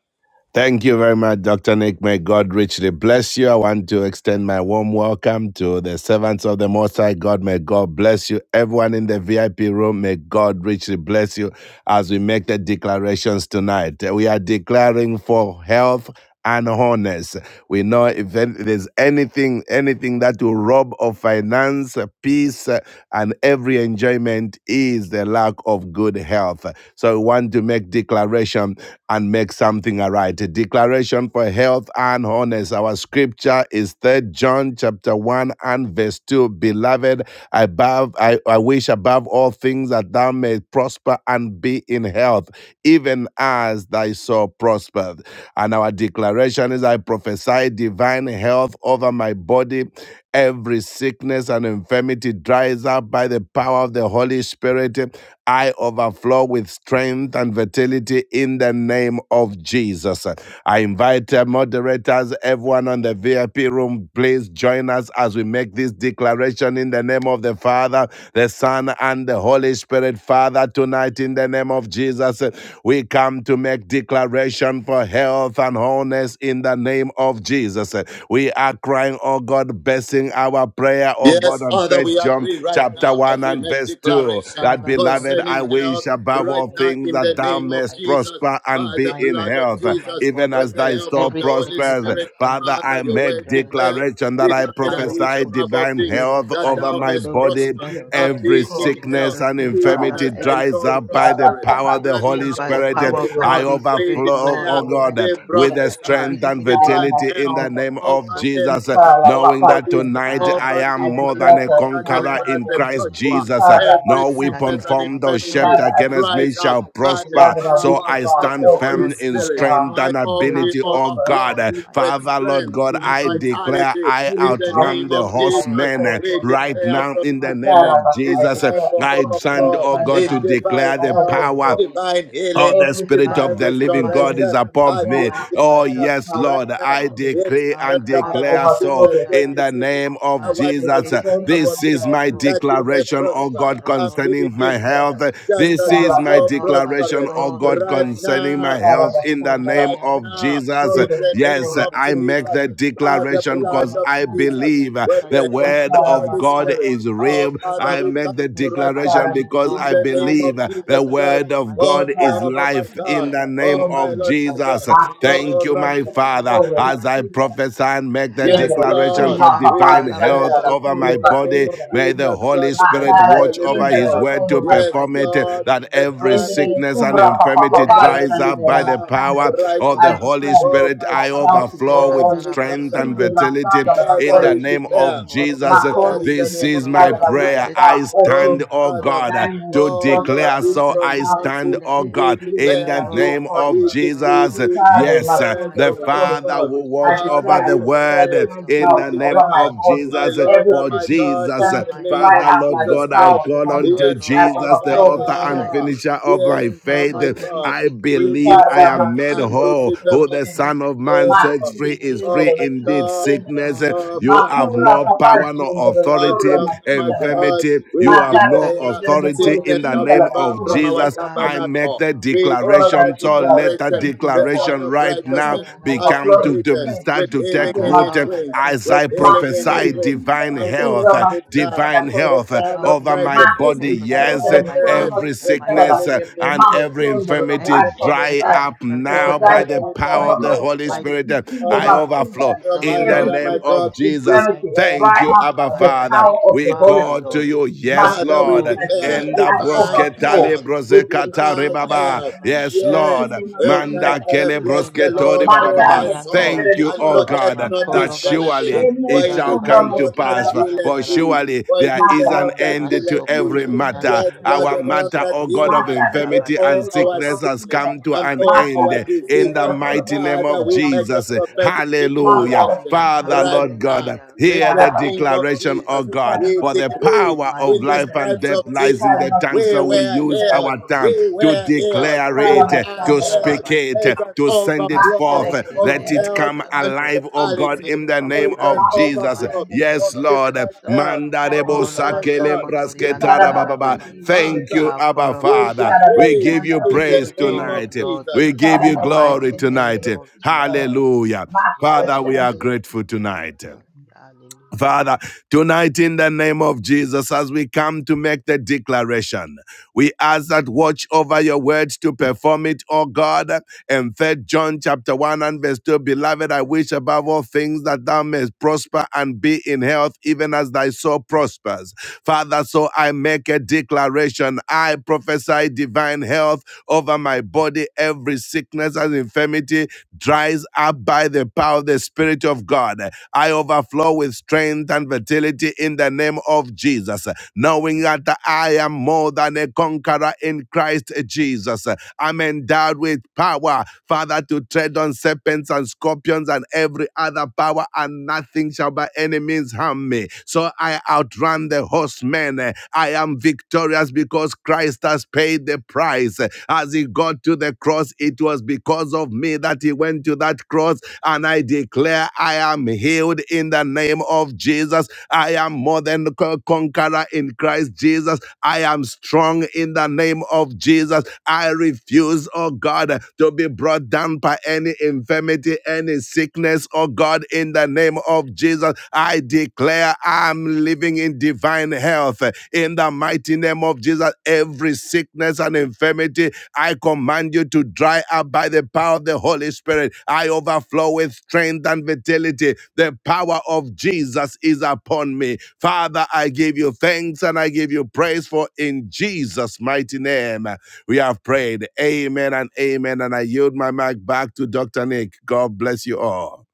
Thank you very much, Dr. Nick. May God richly bless you. I want to extend my warm welcome to the servants of the Most High God. May God bless you. Everyone in the VIP room, may God richly bless you as we make the declarations tonight. We are declaring for health. and honest. We know if an- there's anything, anything that will rob of finance, uh, peace, uh, and every enjoyment is the lack of good health. So we want to make declaration and make something aright. A declaration for health and wholeness. Our scripture is Third John chapter 1 and verse 2. Beloved, above I, I wish above all things that thou may prosper and be in health, even as thy soul prospereth. And our declaration is I prophesy divine health over my body. Every sickness and infirmity dries up by the power of the Holy Spirit. I overflow with strength and vitality in the name of Jesus. I invite uh, moderators, everyone on the VIP room, please join us as we make this declaration in the name of the Father, the Son, and the Holy Spirit. Father, tonight in the name of Jesus, uh, we come to make declaration for health and wholeness in the name of Jesus. Uh, We are crying, oh God, blessing our prayer prayer, oh God,
Yes,
on
Father,
First
we
John
agree right
chapter
now as
1
we
and
make
Shandalabasokotoriandalabo.
verse 2.
declaration
That
Father, Lord
beloved, I
concerning
Almighty,
health
wish
we've come
above
right
to
all
make
now
things
in
that
the
thou
name
declaration that
of
I
mayest
Jesus,
prosper
prophesy
and
by
be
the
divine
in
blood
health
of
health,
over my
Jesus,
even
with
as
body.
the
thy
help
soul
of the
Every
Holy
sickness
prospers.
and
Spirit.
Father,
infirmity
Father,
I
dri-
your word
make
dries up
declares,
declaration that
by
I
the
Beloved, I
power of
wish
the
prophesy
Holy
above all
divine
things
Spirit.
health
that
I
over
thou
my
mayest
overflow with
body.
prosper
strength and
and
Jendere
Every
be
vitality
in
in
koroma.
health,
sickness
Jesus'
and
name.
Sindara.
even
Father,
as
infirmity
Lord,
thy
every
dries
soul
up by
sickness and
the
prospereth.
power
Ekarababa
of
infirmity
the
Right
Holy
now,
by
jendere
the
Spirit.
power
Almighty
of the
koroma.
I
God,
Holy
we
Spirit,
Sandara.
overflow,
Lord
declare,
oh
we
God,
Almighty,
with
Korobasindara.
the
that
prophesy
every
strength abundant
sickness
divine
in
fertility
my
in
health
the
body,
Ikaramasandara.
name
Lord,
of
over ev-
Jesus, uh,
over our
knowing
Ikarababa
that
bodies,
jendere.
tonight
I, I
I
over
am
I
Nick
reject
more than
declare
every
a
Mulenga,
for
Natasha,
sickness
and
myself
in
conqueror
my
and
in
Erastus
body,
only.
Christ
Lord
Joshua.
Jesus. uh,
Almighty,
Every
No
that
sickness
weapon
Ikaramasandara.
I
and
shall
formed
be
or
healed
infirmity
shaped
in the
against
mighty
Ikara
me
dries
name
shall
up
of
by the
Jesus,
prosper.
Beloved,
O
I
So
wish
Lord
power
I
of
above
the
stand
Almighty, O
all
Holy
firm
God,
things
in
thou
Spirit.
that
shalt
strength
no,
I
and
no
all
make
harm
we
ability,
shall
oh
come
prosper
to me
God.
overflow
and
in
Uh,
the
be
mighty
with
Father,
name of
Lord
strength
God,
in
Jesus,
and
I
O
good
Lord
declare
vitality
I
Almighty.
in
healing
the
I
outrun
name
healthy,
the
of
even as the
declare,
Jesus.
horsemen
I
uh,
soul
We
right
prospers.
declare,
declare
Lord
now
from
in the
Almighty.
name
Declare,
today
of
Rabbi,
it's
I
Jesus. Uh,
time
declare
for
and
I
prophesy
stand,
Makoro
overflow
oh
divine
God,
in
to
health
divine
declare
Bashandarabo
the
over
health,
their
power
bodies,
divine
Sokotoriandarabo.
Oh,
healing,
the
every
Spirit
Ah,
divine
of
sickness
the
God, to
and
Living
find
God is
restoration.
infirmity,
healing in
upon
As
the
we
me.
mighty
thereafter
Oh,
name
declare
the
of
yes,
power
right
Lord,
Jesus,
of the
now,
I
Lord.
decree
Ah,
Exodus
and
I
chapter
declare
15,
so
overthrow
verse
them
in the
Karabashandarabo.
26.
name
I
of
want
with
I
Jesus.
wish
strength
above all
This
and
things
is
by
my
Maseketiriandarabo.
that
The
victory
you
in
may
declaration, oh
prosper
activation,
God,
O
and
Lord
in
be
concerning my
in
Jesus'
Almighty.
health,
name.
health.
just
We
This
as
call
your
Concerning
is
out
my
the
my
soul
health,
thunder
my
of the
declaration,
prospereth
full of
oh
Lord
God,
children.
right
Almighty.
concerning
We
my
now
call out
health
the
in the
thunder of
name
right
of
now
Jesus.
Masokotoriandarabo.
in
children,
the
the
name
Yes,
O
full of
of
Lord,
I
the
children.
make
Lord
Jesus,
the
by
Almighty,
the
We
that
declaration
call
I
blood
out
because
of
the
I
declare and
thunder.
Jesus,
decree I
believe
with
prophesy
the
the help
divine
word
of the
health
Vitara
of
Holy
over
God
my
Spirit.
Basundara
is
body,
Our
real.
Father,
I
every
we
Koroshandara,
make the
thank you
sickness in my
right now
declaration
Vitara
bones.
because
Lord
in
I
the
Masandara
name of
believe
Almighty, I
the
Jesus
reject
Koroshandara,
it
Christ.
in
word
the
of
mighty
Oh,
God
name of
Vitara
is
Jehovah, my
life
Jesus.
God.
in
Masundara
the
Uh,
name
Oh,
The
my
of
Shondara,
healing
Lord, my
for
Jesus.
God.
arthritis
Matiri
in
Thank
Oh,
you,
the
my
knees, oh
Shindara
Lord
Father,
Korona
Rakim
as
Almighty,
I
I pray
Sindara,
prophesy
that Lord.
and make the
Ah,
Yes,
Jendara
declaration
Lord,
Kuna
for
we
Papa
divine
Karabashandarabo
health
declare
Jandara
over my
in
Kurva
the name
body.
of
Sindara,
May
Jesus
Sokotorienderebo.
the Holy
Christ, the
Let
Son
Spirit
of
us
Matara
the
watch
please God
over
living
His
Shindara
cover
God.
word
me
to
Koroma
in the
Yes,
perform it,
mighty
Sindara,
Lord,
that
name
the
of
every
time is
Jesus,
Jendara
sickness
oh
and
Kura
now.
Lord.
Papa
infirmity
The
Papa
time
dries
Everything
is
up
that's
Jandara
by
in
the
my
now,
body,
power
Masandara.
oh
right
of
Lord
the
I
now.
Holy
declare
Oh,
Almighty.
Spirit.
my
for
I
God.
healthy
overflow
and
with
Oh,
wholeness.
strength
Rikasa
Masekatarabaso.
and
Ikide
vitality.
In the
Masandara
in
Father,
the
Koroshandara.
we
mighty
name
declare,
of
name of
oh my
Jesus.
Macron
God,
Jesus,
in the
returned
This
the
name of
is my
Jesus.
ladder
Lord
by
hmm,
which
Almighty,
prayer.
of
this
I
thou
is my
Oh,
stand,
open.
prayer,
oh
Father.
Lord.
God
Thy name
to
I
Oh,
stand, O
Lord,
declare.
prosper,
we
Lord,
be
So
in
and
I
can
health
pronounce
stand,
it.
and
oh
eat
declare
We
God,
even as
in
that,
declare
my
the
Lord
it.
soul
name of
We
Almighty,
prospers.
no
decree
Jesus.
more
This
it.
Saturday,
sickness
Yes,
in
my
the
uh,
soul
Yes,
that
the
will
mighty
Almighty
recover
name
Father
of
God.
will
I
watch
Jesus.
declare
over
Father,
I
the
we
Oh
word
prophesy
uh,
pray.
Lord
divine
of
in
We
health
the
over
name
my
declare,
of
body.
Masakatorabo.
my
Jesus. uh,
Lord
Every
and
For
Yes,
my
sickness,
God,
Lord,
Jesus,
in
uh,
in
the
my
infirmity,
in the
name
dry
of
Father,
up
mighty
by
Lord
the
Jesus
God,
name of
I
Christ.
power of the
call
Holy
Jesus, oh
unto
Spirit.
Yes,
Lord,
I
Abba,
Jesus, the
I
overflow with
author
pray,
and
I
strength
Father.
finisher
and
of
Yes,
my
decree
in
oh
that,
faith.
my
Lord,
Jesus'
every
God.
name.
I
sickness
We,
in my
believe
this
I
Rikara
is the
body.
am made
time.
Masudo
That
This
that
whole.
is
is the
Koro
uh,
Who the
moment.
Shendere.
Son
reject
of
in the
Man
Oh
sets
God.
mighty
Makude
free is
name of
Oh
free
my
Shendere
Jesus.
Kide
indeed.
God,
Shendere.
Sickness,
Oh,
uh,
oh
yes,
you
Lord
Father,
have
we
Makura
no
thank you.
Almighty.
power,
Papa
no
Shendere
Ah,
And
authority.
Koro
um,
so
oh my
Masindara.
adorable.
God,
Infirmity, you
we
you have
Makara
no
declare
Infirmity,
Shendere
eh,
authority
Koro
Lord
in
sickness
the
shall be
name
Shindara
far
of
Almighty.
Koro
from our
Jesus.
Ah,
Shendere.
I make
tabernacle.
the
sotoro
We
Lord,
make
I
a
declaration.
thank you
So let
yakakaterebo.
that
declaration.
strength in
The
the body.
Son
declaration
of
right now
Righteousness
Strength
has
become
overflowing
to, to
Yeketeriyanarabasekeria.
arisen
strength.
start
with
We
to
see
healing
take
the
Father,
in
root
his
uh,
Lord, I
wings,
Masundra.
pray
as
for
with
I
healing
healing,
in
oh
Makinde
his
prophesy
Lord,
wings.
in the
Shindra,
divine
the
And the
mighty
Kurva
health,
time
uh,
is
name of
Masundra,
now.
the
divine
Jesus.
The
health uh,
Korosindra.
Son
Oh,
of
over
yes,
my
they pa-
Righteousness
pray
Makinde
body.
for them
Yes,
Shindra,
over
uh,
the
my
arises
Kurva
body
every
in the
with
Sindra, the
mighty
sickness
healing
uh,
in
name of
his
and
wings,
Jesus.
every
Masundra
with
of
infirmity
Every
our
healing in his
sickness,
dry
wings.
prophesy.
any
up
The
infirmity,
Oh,
now
mother,
by
device
let
the
Father,
it
we
be
of
thank
power
over
of
dried up
the
my
you.
in the
Holy
body.
Spirit.
mighty
We
Uh,
see
Oh
the
I
my
name of
God,
Masundra.
overflow
oh my
Jesus,
in the
Lord,
Lord
Every
oh my
name
sickness,
God,
of
Almighty.
we
Jesus.
I
infirmity,
declare
pray,
Thank
dry
you,
Lord
up
Abba
by
Almighty.
the
I
Father.
power
thank you,
of
We
the Holy
Father,
call
Spirit.
to
Lord.
you,
We
My
give
yes,
you
Father,
soul
we
Lord.
have an
glory, Lord.
declare
agenda
Enda
I
divine
In the
brosketa le
overflow
health,
mighty name of
with
brosekata
Jesus.
divine
rebaba.
health.
extended
Yes,
Yes,
Lord.
including my
oh my
finger
Akarabashendereboso.
Manda
and
God,
kele
children.
bless
In the
the
brosketo
Lord,
My
rebaba.
oh
maseketere
my
family,
baba.
soul,
children,
Thank
and
yandarabo.
you,
and
oh
children of
forget
God,
not
children.
that
his benefits.
surely
General,
For
it
the
it
shall
is
children
the
come
of
to
Lord that
pass.
children of
Makorobashandarabayeketeri
the
healeth
For
children.
yandarabo.
thee.
surely
For it
there
is
My
the
is
God,
an
Lord
the
Mm,
that
end
children, the
to
healeth
children,
every
thee.
children, the
matter.
Yes,
children
Lord,
of
Our
you're the one
children.
matter,
that
oh God,
heals
My
of
us
God, the
of
infirmity
children,
Masokotoriandarabosokotoriandarabaye.
and
all
the
our
children of
sickness has
sickness
children.
come to
and
an
My
all
God,
our
the
end.
Father,
children,
In the
diseases.
the
in
children
mighty
the
of
name
children,
mighty
Father,
of
we
and
name of
make
the
a
Jesus.
Jesus.
children
prophetic
my
Hallelujah.
father,
declaration
Hallelujah.
children, of
Father,
right
Lord
children.
now
God. Father,
Hallelujah.
in
God,
hear
the
the
we
name
know
Vikarabasana,
of
for
declaration, O
prayer.
Jesus,
God,
we
for the
God, in the
Vikarabasana,
decree
power of
in
mighty
the
life
Sundara,
and
stripes
death
name
of
of
lies in
Jesus,
the
Jesus.
tongue,
we
so
Vikarabasundara,
we
were
use
Sundara,
healed.
Oh,
our tongue
We
yes,
to
Lord.
were healed.
declare
We
it,
Vikarabasandara,
are
to
healed.
speak it,
There
Makorobashandarabaye.
is
Sundara,
an
to send it
overflow
Makara,
forth.
of
Let
Sundara,
it
Sundara,
health
come
and
alive,
Maseketeriandarabo.
O
I
God,
can
vitality.
let
in
Sundara,
it
the
come
There
name
is an
alive
of
in the
Makara,
Jesus.
overflow
mighty
Sundara,
of
Yes,
name
Sundara,
of
Lord.
divine
Jesus.
health, of
Mandarebo
Ola
divine
Vikarabasandara,
health.
sakelembras
basokotori
Vikarabasundara, Sundara, Vikarabasandara,
ketarabababa.
andarabaye.
Thank you,
Father,
Sundara,
Abba
Makoro
we
Father. We
decree
give you
We
in the
give
praise
you
name of
glory,
tonight.
Lord,
Jesus.
We give
in
you
the
glory
mighty
tonight.
name of Jesus.
Vikarabasundara, Sundara,
Hallelujah.
Makara,
Yes,
Father, we
Lord.
are
Sundara,
grateful
Okay, okay,
Sundara,
tonight.
okay. Hallelujah.
Father, tonight in the name of Jesus, as we come to make the declaration, we ask that watch over your words to perform it, O God. In 3 John chapter 1 and verse 2, beloved, I wish above all things that thou mayest prosper and be in health, even as thy soul prospers. Father, so I make a declaration. I prophesy divine health over my body. Every sickness and infirmity dries up by the power of the Spirit of God. I overflow with strength and fertility in the name of Jesus, knowing that I am more than a conqueror in Christ Jesus. I'm endowed with power, Father, to tread on serpents and scorpions and every other power, and nothing shall by any means harm me. So I outrun the horsemen. I am victorious because Christ has paid the price. As he got to the cross, it was because of me that he went to that cross, and I declare I am healed in the name of of Jesus. I am more than a conqueror in Christ Jesus. I am strong in the name of Jesus. I refuse, oh God, to be brought down by any infirmity, any sickness, oh God, in the name of Jesus. I declare I'm living in divine health in the mighty name of Jesus. Every sickness and infirmity I command you to dry up by the power of the Holy Spirit. I overflow with strength and vitality. The power of Jesus is upon me. Father, I give you thanks and I give you praise for in Jesus' mighty name we have prayed. Amen and amen. And I yield my mic back to Dr. Nick. God bless you all.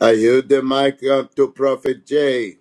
I yield the mic up to Prophet Jay.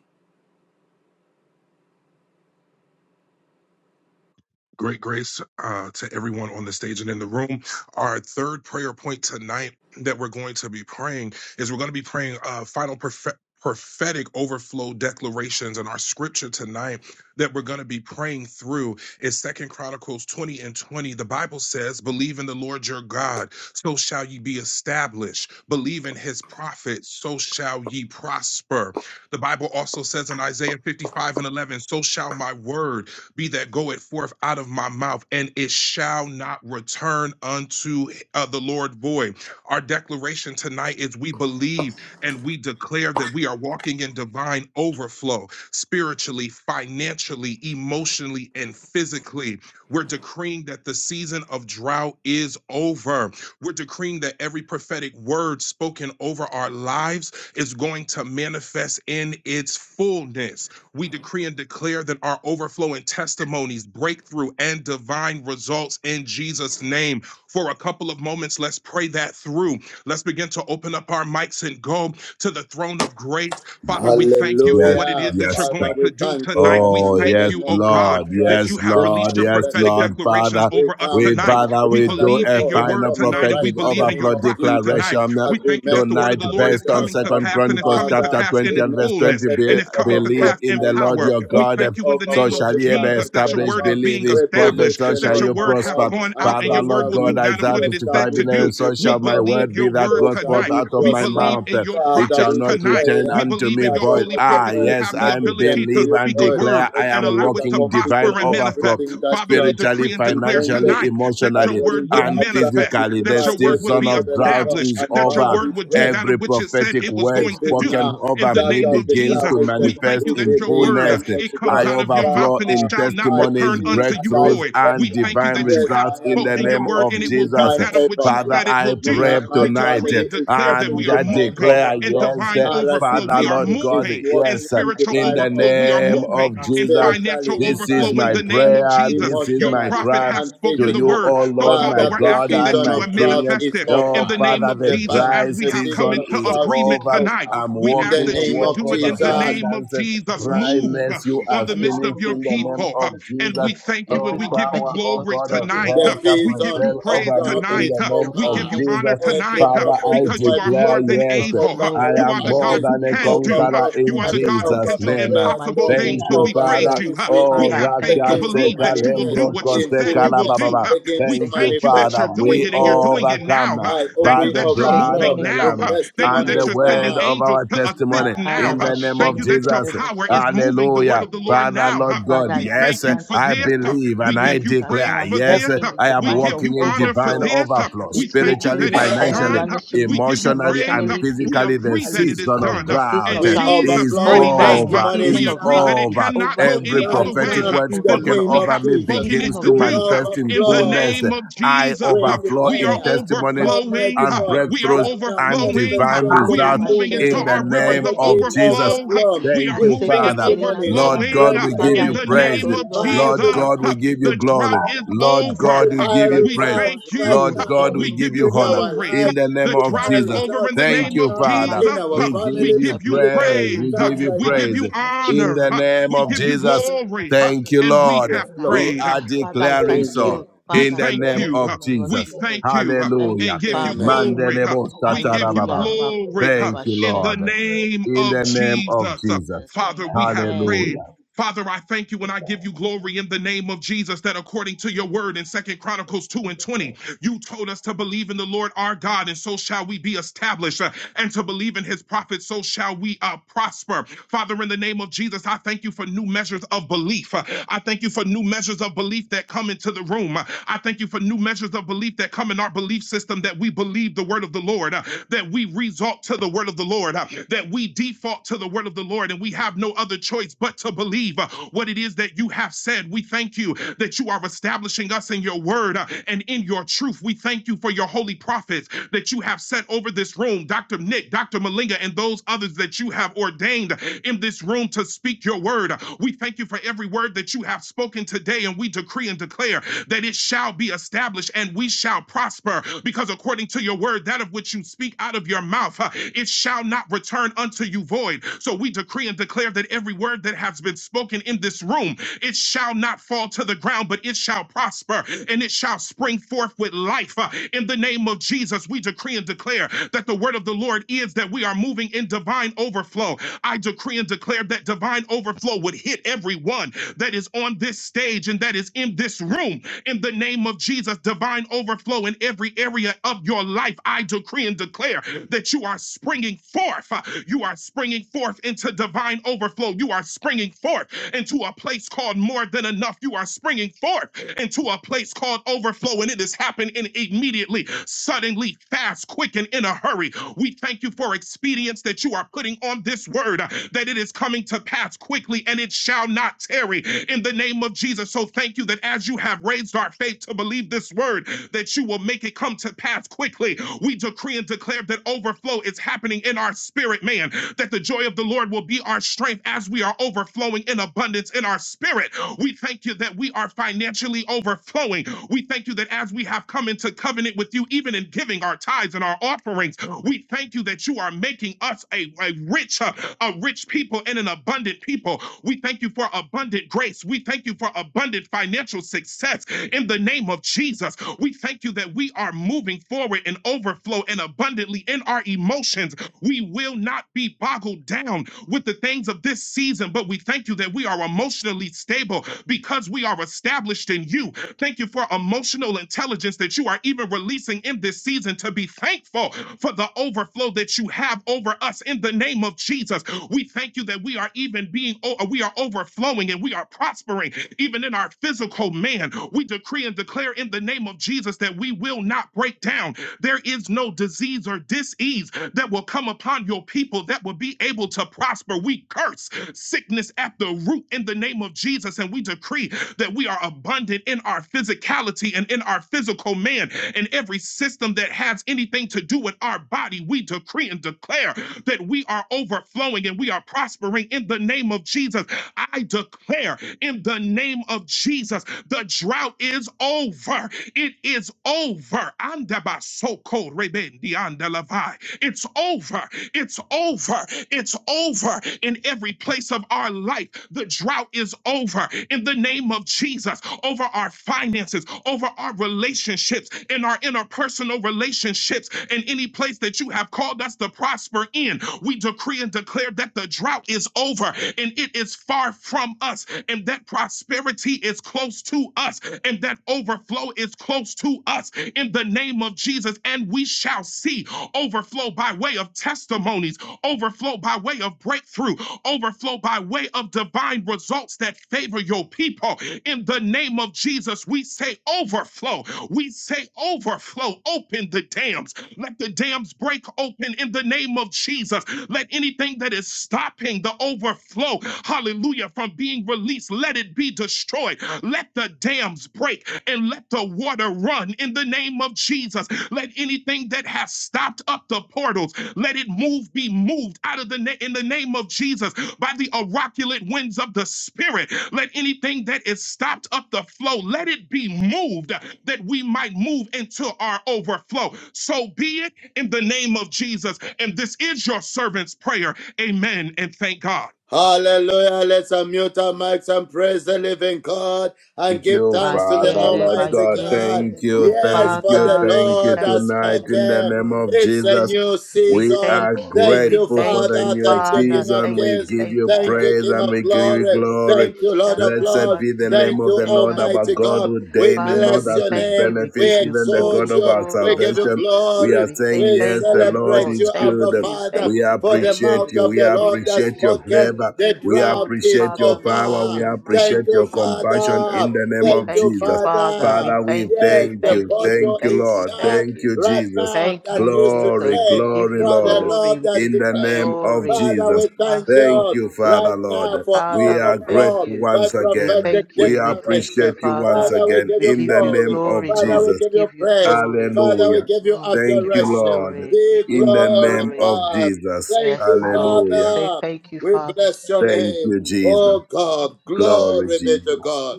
Great grace uh, to everyone on the stage and in the room. Our third prayer point tonight that we're going to be praying is we're going to be praying uh, final prophet. Prophetic overflow declarations and our scripture tonight that we're going to be praying through is Second Chronicles 20 and 20. The Bible says, Believe in the Lord your God, so shall ye be established. Believe in his prophets, so shall ye prosper. The Bible also says in Isaiah 55 and 11, So shall my word be that goeth forth out of my mouth, and it shall not return unto uh, the Lord void. Our declaration tonight is we believe and we declare that we are walking in divine overflow spiritually, financially, emotionally, and physically. We're decreeing that the season of drought is over. We're decreeing that every prophetic word spoken over our lives is going to manifest in its fullness we decree and declare that our overflowing testimonies, breakthrough, and divine results in Jesus' name. For a couple of moments, let's pray that through. Let's begin to open up our mics and go to the throne of grace. Father, we thank you for
Yes,
what it
Hallelujah.
is that you're
yes.
Father,
sir.
going to
we
do
thank you
tonight.
right
We
now
Oh,
in the
thank
yes,
you,
name of
oh
Jesus
God,
Lord.
that
Christ,
you
Yes,
have
the
released
Lord.
Son
your
of
Yes,
the
prophetic
Lord.
living God.
declarations
Father.
We
over us
come,
We,
tonight.
Almighty
Father,
We
we
Father,
do
to
believe
a
in your
call
final
word
upon you
tonight and
right
we
prophetic
now in the
believe in
name
your
overflow
of
prophets
Jesus
tonight.
declaration
as
We
we
thank you
make
that the word of
tonight
the Lord is
based
declaration
on
of
coming to
God.
Second
pass and it's
Chronicles
coming to
chapter
Father,
pass
20
in
we
its
and
make
verse 20.
fullness and
prophetic
Be-
it's coming to
believe
pass
overflow,
in
in
the
and a
Lord
power.
your
We
God.
prophetic
thank you in the
So
name of
overflow
shall ye be
Jesus that
declaration
your
of
established,
word is
God.
believe
being
his
We
prophet,
believe
established,
so
the
shall
that
Lord
your
you
word
our
has
prosper.
God,
gone
and
out and
Father,
so
your
Lord
word
shall
will
God,
do
we
that of
be
Isaiah
what it is said
55
to
11.
established.
do.
so
Believe the
We
shall my
prophet,
word
believe
be
your
that
word
so
goes
shall
forth
tonight.
we
out of
We
my
believe
prosper.
mouth.
in your
It
Father,
shall
prophets
we
not
tonight.
declare
return
We
unto
believe
me
in
that,
your
oh
void.
holy
God, your
Ah,
prophets who
word
yes,
have
will
the
not
I
return
ability to
to
believe
you
and
speak a
void,
word
declare I
and
am
except
allow
it
it to
walking divine
accomplishes
prosper and manifest.
everything
overflow
that
Father,
you
we
have
Thank
um,
spiritually,
decree and declare
financially,
intended
tonight that your
emotionally,
word
according to
would
and
Isaiah
manifest
physically. The
that
55,
your word
verse
would
season
be
of
11, oh
drought
God.
is
established,
And
that your
Father,
over.
we
word would do
pray
that
Every
of which it said
prophetic
it was
word
going to
even
do.
spoken
now.
In
over
the
That's
me
name
our
of
begins
Jesus,
to
we
declaration.
thank
manifest
you
We
that
in
your
believe,
word, uh,
fullness.
it
Almighty
comes
I
I
God.
out of your
declare, I
mouth
overflow
and it
believe,
in
Father,
I
shall not
I
declare
testimonies,
return
I am
believe
unto you
and I
breakthroughs,
walking
void.
declare.
We
and
in
thank you
divine
that
divine
you
Yes,
have
I
results
flow,
in
am
the
spoken your
name
walking
word
of
overflow,
and it
in
will do
Jesus.
divine
that
spiritually,
of which you
Father,
said
overflow.
financially,
it
I
will
When
do.
emotionally,
pray
I-
and
My
We
tonight
decree
eh,
family
and
physically.
is
declare
The
that
walking
and
we are
I
season of
divine
moving
declare,
drought
in
is
overflow.
yes,
divine
eh,
over in the
overflow.
Father,
We
RCC
mighty
are
Lord
name of
God,
is
moving in
Jesus.
walking
yes, eh,
in
I
spiritual
in
pray
divine
the
for that.
overflow.
The
We are
name
season
overflow
of
moving
of
drought
in
is
Jesus.
over,
financial
spiritually,
Lord
This
overflow
is
Almighty,
in
my
that
the
I will
name of
financially,
prayer.
progress
Jesus.
in
This is
Your
my
everything
emotionally
that
prophet
cry
I
has
and
do in the
to
spoken the
you,
mighty
word
physically.
O
name of
so,
Lord,
Father,
my
Father,
we're
Jesus.
the
God
asking
I
and
that
season
you
my
are
of
believe and I
King.
drought is
manifested
declare I
you.
in
Oh,
am
the
over.
name
Father,
of
walking
the
in
The,
for
Jesus
your
divine
as
dry
we
time.
the
have
Thank
come
overflow.
season
you
season
of
for
into
is
I
drought
am
is
agreement
walking
everyone
in
over.
tonight.
over.
divine
I'm
working
We
with
In
ask
overflow
the
walking
me.
a
that you
name
would
walk
of
do
spiritually,
it
of
in the
Thank you,
Jesus,
name
my
financially,
of
abundance.
sister,
Jesus.
for
Move
emotionally,
saving
uh,
Dryness,
and
me.
you
on
are
the
physically
I
midst
in the
of
finished
your
in the
mighty
overflow
name
people.
with
name
uh,
of
of
your
and
spirit.
Jesus.
we
Jesus.
thank you and
Every
No
we
Inside
give
of
you
us,
power,
I'm
prophetic
O
word
glory
God of
spoken
tonight.
The
Uh,
hell,
grateful.
over
shall
We
me
give
season
you
prevail
begins to
Inside
praise
of
of
over
us,
me
drought
I'm
in
is
manifest
tonight.
the
Uh,
name
in
We
of
give
over.
you
inside
fullness
of
in
honor
the
Jesus.
God.
mighty
Every
tonight uh,
name
Father,
of
I
prophetic
because
Inside
you
of
Jesus.
us, inside of us, inside
word
of us,
are
declare,
more
spoken
I
than
yes,
able.
over
Uh,
overflow
I
our
in
You are
am
the
more
God
families,
who
than a
testimonies,
inside
can
of us,
over
do. Uh,
conqueror
breakthroughs,
inside
You
in
are the
and
prophet,
of
God
us.
who
divine
Jesus'
can
over
do
results
name.
in the
prayer
impossible
mighty
storm,
things.
Thank
name
So
Inside
of
you,
we
of
over
us,
praise
Father.
Jesus.
you.
under
Uh,
us,
We
Oh,
RCCE
Father, I
have faith
thank
to
you,
begins
Rakaste
to
Lord.
believe
I
that you will
inside
thank
do
of
manifest
you,
Kalembro
us,
what you
Lord,
in
under
Koste
said
us,
you will
for
fullness,
your
do.
Kalababa.
Uh,
begins
We
to
Thank
manifestation
you,
thank
in
you
my
manifest
that
Father.
you're
life,
inside
O
doing
We
in
of
it
Lord
and you're
fullness.
doing it
Almighty.
overcome
now. Uh,
I hope
Thank
Makoro
by
you
we
the
that you're
blood
bashende
of
moving
overflow
the
rebo
with
now.
Lamb
Uh,
seke
Thank you
and
that
the
testimonies
you're
terianda
sending
word
now.
of
rabaye.
angels
our
to assist
testimony
Makara
now.
in
Uh,
the name
Thank
of
you that
bashende
your
Jesus.
rebo
power is
soko
moving the word
Hallelujah.
of the
us,
toriende
Lord
under
rebo.
Father,
us.
now.
Lord
Huh?
God,
Father, I
We
Inside
thank
yes,
of
declare
us,
you
and
for
I
under
this.
declare,
us,
I
believe
We
and I
give
believe
you
inside
that I
praise
of
declare,
us,
am
for
yes,
this.
walking in
I
the
am
We
vine
give
of
walking
you
in
inside
honor for
divine
overflow,
this.
overflow,
of
We
us,
thank
under
you
us.
spiritually,
that
spiritually,
it
financially
is
financially,
done. We
financially,
give you
emotionally,
praise.
and
emotionally,
We
physically. The
agree that
physically.
it is
season of
In
done.
the season
In
of
drought
We
drought is
Jesus'
is
overflow with
mighty
over.
name,
The
over,
testimonies
we
season
is
of
agree that
drought
now.
it
is
over.
cannot
over
go
in the
Every
any
Right
other
mighty
prophetic
way
now,
name
word
in
of
the
than
spoken
what
name
we
Jesus.
over
of
have
me
The
Jesus,
spoken
season
begins
it to
of
to
we
drought
do.
is
manifest
over
in
In the
in
overflow
my
fullness.
name of
life over
I
it
Jesus,
We
over,
overflow
we are
in
declare,
over,
Not
over,
testimonies
to
over
be
overflowing.
in
Almighty
seen.
the
and
God,
We
mighty
are
breakthroughs
right
name
now
of
and
Jesus.
overflowing.
divine
Not
manifestation
We
to
are
Makoro
in
results
moving
fullness.
into
bashende
in the
our
rebo
My
rivers
name
of
God,
of
we
teketeri
Jesus.
overflow.
yandarabo.
overflow
We are
Thank
with
you,
moving and
Father.
Maseketeri
testimonies,
Lord
yandarabo.
God,
overflowing
we give
Father,
breakthroughs,
in
you
I
the
and
thank
praise.
you,
name of
Lord.
divine
Jesus.
Lord
So I
God, we
thank
results.
you,
give you
The
Lord
glory.
drought
Almighty,
is
O God.
Lord
Lord.
God,
over.
we
Ma-
give
Divine
you
Let
We
your
praise.
results
word
thank
go
right
Lord
you.
before me,
now
God,
O
we
We
Lord
give
give you
you
in
Almighty,
honor.
our
that
glory.
In
lives,
the
everything I
name
The
put
of
my
drought is
hands
divine
on,
Jesus.
I
over
will
in
results
the
right
Thank
prosper
name
you,
of
now
in the
Father.
Jesus.
in
mighty
our
name
We
of
We
give
Jesus.
families,
give
I
you
you
pray for my
divine
praise.
praise.
family,
We give
results
you
right
my
We
now.
give
praise.
you
husband, my
In
Yes,
children,
honor.
the
O Lord
name
We
of
give
Almighty.
you
Jesus.
Makere
glory.
Thank
bashende
you,
rebo
And we
Lord.
yes,
have
We
Lord.
sakatarabo.
prayed.
are
Father, I
declaring
thank
Amen.
so.
you.
We
In
Father, I
the
thank
declare
name
you
you.
of
in the name of
We
Jesus.
Jesus.
thank you
Thank you,
and
Hallelujah.
give you
Father.
Amen.
glory.
Mandelebo
We give you
satarababa.
Hallelujah.
glory
Makoro
Thank you,
in the
Lord
bashende robo.
name
in
of
the
In the name of
name of
Jesus.
Jesus.
Jesus.
Father, we have
be
Amen.
prayed.
Hallelujah.
Father, I thank you and I give you glory in the name of Jesus that according to your word in Second Chronicles 2 and 20, you told us to believe in the Lord our God, and so shall we be established, uh, and to believe in his prophets, so shall we uh, prosper. Father, in the name of Jesus, I thank you for new measures of belief. Uh, I thank you for new measures of belief that come into the room. Uh, I thank you for new measures of belief that come in our belief system that we believe the word of the Lord, uh, that we resort to the word of the Lord, uh, that we default to the word of the Lord, and we have have no other choice but to believe uh, what it is that you have said. We thank you that you are establishing us in your word uh, and in your truth. We thank you for your holy prophets that you have set over this room, Dr. Nick, Dr. Malinga, and those others that you have ordained in this room to speak your word. We thank you for every word that you have spoken today, and we decree and declare that it shall be established and we shall prosper, because according to your word, that of which you speak out of your mouth, uh, it shall not return unto to you void. So we decree and declare that every word that has been spoken in this room, it shall not fall to the ground, but it shall prosper and it shall spring forth with life. Uh, In the name of Jesus, we decree and declare that the word of the Lord is that we are moving in divine overflow. I decree and declare that divine overflow would hit everyone that is on this stage and that is in this room. In the name of Jesus, divine overflow in every area of your life. I decree and declare that you are springing forth. Uh, You are springing forth into divine overflow. You are springing forth into a place called more than enough. You are springing forth into a place called overflow, and it is happening immediately, suddenly, fast, quick, and in a hurry. We thank you for expedience that you are putting on this word, uh, that it is coming to pass quickly and it shall not tarry in the name of Jesus. So thank you that as you have raised our faith to believe this word, that you will make it come to pass quickly. We decree decree and declare that overflow is happening in our spirit, man. That the joy of the Lord will be our strength as we are overflowing in abundance in our spirit. We thank you that we are financially overflowing. We thank you that as we have come into covenant with you, even in giving our tithes and our offerings, we thank you that you are making us a, a rich, uh, a rich people and an abundant people. We thank you for abundant grace. We thank you for abundant financial success in the name of Jesus. We thank you that we are moving moving forward in overflow and abundantly in our emotions. We will not be boggled down with the things of this season, but we thank you that we are emotionally stable because we are established in you. Thank you for emotional intelligence that you are even releasing in this season to be thankful for the overflow that you have over us in the name of Jesus. We thank you that we are even being, oh, we are overflowing and we are prospering even in our physical man. We decree and declare in the name name of Jesus that we will not break down. There is no disease or disease that will come upon your people that will be able to prosper. We curse sickness at the root in the name of Jesus, and we decree that we are abundant in our physicality and in our physical man and every system that has anything to do with our body. We decree and declare that we are overflowing and we are prospering in the name of Jesus. I declare in the name of Jesus the drought is over. It is over. Andabasoko rebendiandalavai. It's over. It's over. It's over in every place of our life. The drought is over in the name of Jesus over our finances, over our relationships, in our interpersonal relationships, in any place that you have called us to prosper in. We decree and declare that the drought is over and it is far from us and that prosperity prosperity is close to us and that overflow is close to us in the name of Jesus. And we shall see overflow by way of testimonies, overflow by way of breakthrough, overflow by way of divine results that favor your people. In the name of Jesus, we say overflow. We say overflow. Open the dams. Let the dams break open in the name of Jesus. Let anything that is stopping the overflow, hallelujah, from from being released, let it be destroyed. Let the dams break and let the water run in the name of Jesus. Let anything that has stopped up the portals, let it move, be moved out of the na- in the name of Jesus by the oraculate winds of the Spirit. Let anything that is stopped up the flow, let it be moved that we might move into our overflow. So be it in the name of Jesus. And this is your servant's prayer. Amen. And thank God.
Hallelujah. Let's unmute our mics and praise the living God and
Thank
give
you,
thanks to the
Father,
Makere
Lord
Almighty
God.
God.
Thank
bayenderebo.
you, thank
Yes, for
you,
the
Father,
thank
we
you
Lord
thank
has
tonight
you,
in
we
the
spoken.
name of
It's
glorify
a
Jesus.
you,
new
we
We
season.
are
thank you,
Thank
we
you,
grateful for
thank
the
you,
Father.
new
Thank you,
Father,
King of
season.
thank
We
you,
Kings.
give
thank
you
you,
Thank
thank
you,
praise
King
you.
and
of
we give you
Glory.
Okoroba
glory.
Thank you, Lord of
Blessed
shandalaba
Lords.
be the name
Thank
of
you,
the
seketeri
Lord our
Almighty
God
yandalabo.
God.
who
We
daily
Father,
Lord
bless
we
us
your
with
thank
name.
you, we
benefits,
give
We
you
even the God
exalt
glory,
of
you.
our
Lord
We give you
salvation.
Almighty.
We
glory.
are
We say
saying,
We
Yes,
thank
the
you,
Lord
celebrate
Lord,
is
you,
thank
good.
Abba
you,
Father.
thank
We
you,
For the
thank
appreciate
you.
mouth
you.
of
We
the Lord
We
has
appreciate your
appreciate
spoken,
you, we
favor.
the
give you
We
drought
glory,
is
appreciate
Father,
your power.
Lord,
We
over.
in the
Thank
mighty
appreciate
you,
your
name of
compassion
Jesus.
in
Father.
the name
We
Thank
of
you,
thank you,
Jesus.
Father. We
Father.
Father, we
thank you.
Yes,
We
thank
the
thank
you.
you. We
bottle
Thank you,
thank
is
you.
Lord.
shut
Thank
Thank
you.
you,
right
Jesus.
now
Thank
that
you,
used to
Glory,
Jesus. We
drain
give
glory,
you
For the
Lord
glory.
Lord
We
has
give
in the
you
declared.
name of
glory.
Father,
Jesus.
we thank
Thank
you
you, Father
right
Lord.
now
Masotorobaya.
for
We
Father, we
are
thank
overflow
grateful
you.
by
once
We
again.
prophetic
thank
We
you. We thank you,
declaration.
appreciate you once
Father.
Father, we
again
give
We
you
in
give
the
you
glory.
name
glory,
of
Father,
Lord.
we
Jesus.
We
give you
give you
praise.
glory.
Father, we
Hallelujah.
give you
Mm, we
Thank
give
you,
you
adoration.
Lord,
glory.
Be
We give
in
you
the name
glory.
of
glorified.
Jesus.
Thank
Yes,
you,
Lord. We
Hallelujah.
say
Father.
thank you,
We
Father.
bless your
Thank
name.
you,
Amen.
Jesus.
Oh God,
Glory,
glory be to
Jesus.
God.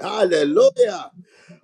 Hallelujah.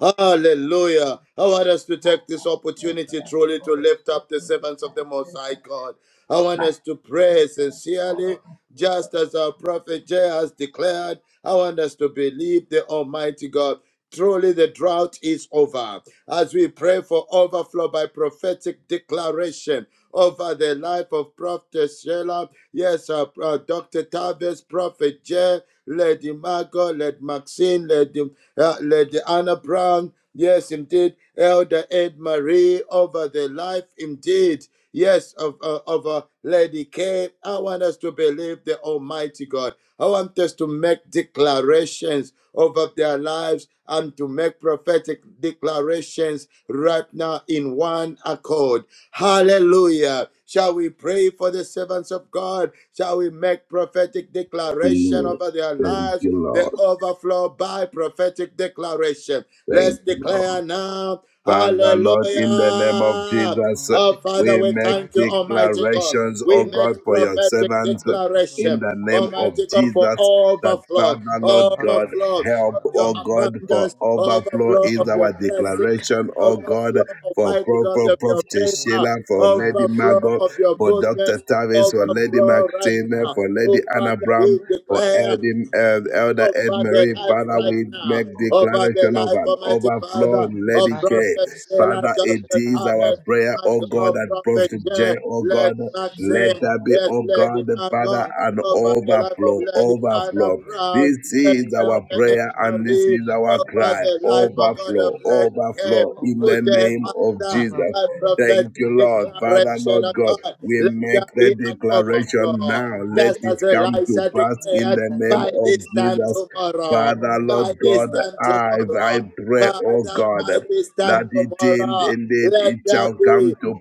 Hallelujah. I want us to take this opportunity truly to lift up the servants of the Most High God. I want us to pray sincerely,
seen.
just as our prophet Jay has declared. I want us to believe the Almighty God. Truly, the drought is over. As we pray for overflow by prophetic declaration, over the life of Prophet Sheila. Yes, uh, uh, Dr. Tavis, Prophet Jay, Lady Margot, Lady Maxine, Lady, uh, Lady Anna Brown. Yes, indeed, Elder Ed Marie over the life, indeed yes, of, uh, of uh, Lady K. I want us to believe the Almighty God. I want us to make declarations over their lives and to make prophetic declarations right now in one accord. Hallelujah. Shall we pray for the servants of God? Shall we make prophetic declaration
Mm.
over their
Thank
lives?
you,
The
Lord.
overflow by prophetic declaration. Let's
Thank you, Lord.
declare now.
Father, Lord, in the name of
Hallelujah.
Jesus,
Oh,
Oh, Father,
declare
we
we
in the
make
thank you,
mighty name of
Almighty God.
declarations,
Jesus, we
We
O God,
make
for
declare
your
prophetic
servants
prophetic
in
declaration,
the
overflows in the
name of
Almighty
mighty
God, for
name
Jesus.
of
That
Jesus.
overflow,
Father, Lord
Oh,
God,
overflow
help,
Kalabasha,
of your
O
overflow,
God, for
abundance,
brethren.
overflow
overflow
is
of your
our
Prof- Prophet,
blessings,
declaration, O God,
overflow,
for
declares
Almighty
the
God,
Prophet
of your
prophetic
Prophet
favor,
Sheila,
declaration
for
over
Lady
overflow
Margot,
of your
for
Lady
Dr.
goodness,
Tavis, for Lady
Margot,
overflow right
Maxine,
now.
over
for Lady
Oh,
Anna
Father,
Brown,
we
for
uh,
declare
Lady
Elder, uh,
Mary, Lord,
Elder Ed
over
over
the
Lady
Marie,
life
Anna
Father,
right
Brown,
we
after
make
now,
Lady
over
Margot,
the
declaration
Lady
of
life,
an
Ma-
Almighty
overflow
Father,
in
of
Lady
Ma-
K.
Prophet Sheila,
Maxine,
Father, it
Dr.
Dr.
is our
Tabet,
Travis,
prayer,
Prophet
my
oh God,
God,
J.
and
Prophet
Prophet J,
Jay,
oh God,
let
Prophetess
let
Maxim,
Sheila,
there
in
be,
the
yes,
oh
mighty name,
God,
Lady
let there,
Father,
Marco,
let there
an
be
over the life of
overflow,
overflow to
Lady Anna
overflow.
heavenly
Brown,
This
yes,
blessings,
is our
divine
Elder Ed
prayer
overflow in
and this
that
Marie,
is
name,
our
in the
over
cry,
the
mighty
life,
name
of
of
God,
overflow,
of Lady
Jesus. We pray
Kay,
for
overflow, in the
today,
overflow,
name of
Father,
Jesus.
by
overflow in
prophetic
the
Thank you,
mighty
Lord, Father,
name
declaration
Lord
of
of
God.
God,
We
Jesus.
let there
make the
be an
Makoro
declaration
overflow,
now.
Bashenderebo.
Let
just
it
as
We
come to
Elisha
pass
declare
in
declared
the
over
name
their
by
of
this
lives that
time
Jesus.
Lord
tomorrow,
Almighty, the,
Father,
the,
Lord
the,
by
the,
God,
this
the,
time
I,
the,
I
tomorrow,
pray,
the,
oh
Father,
God,
by this time
that it in-
tomorrow,
indeed
let
it
there
shall come
be
to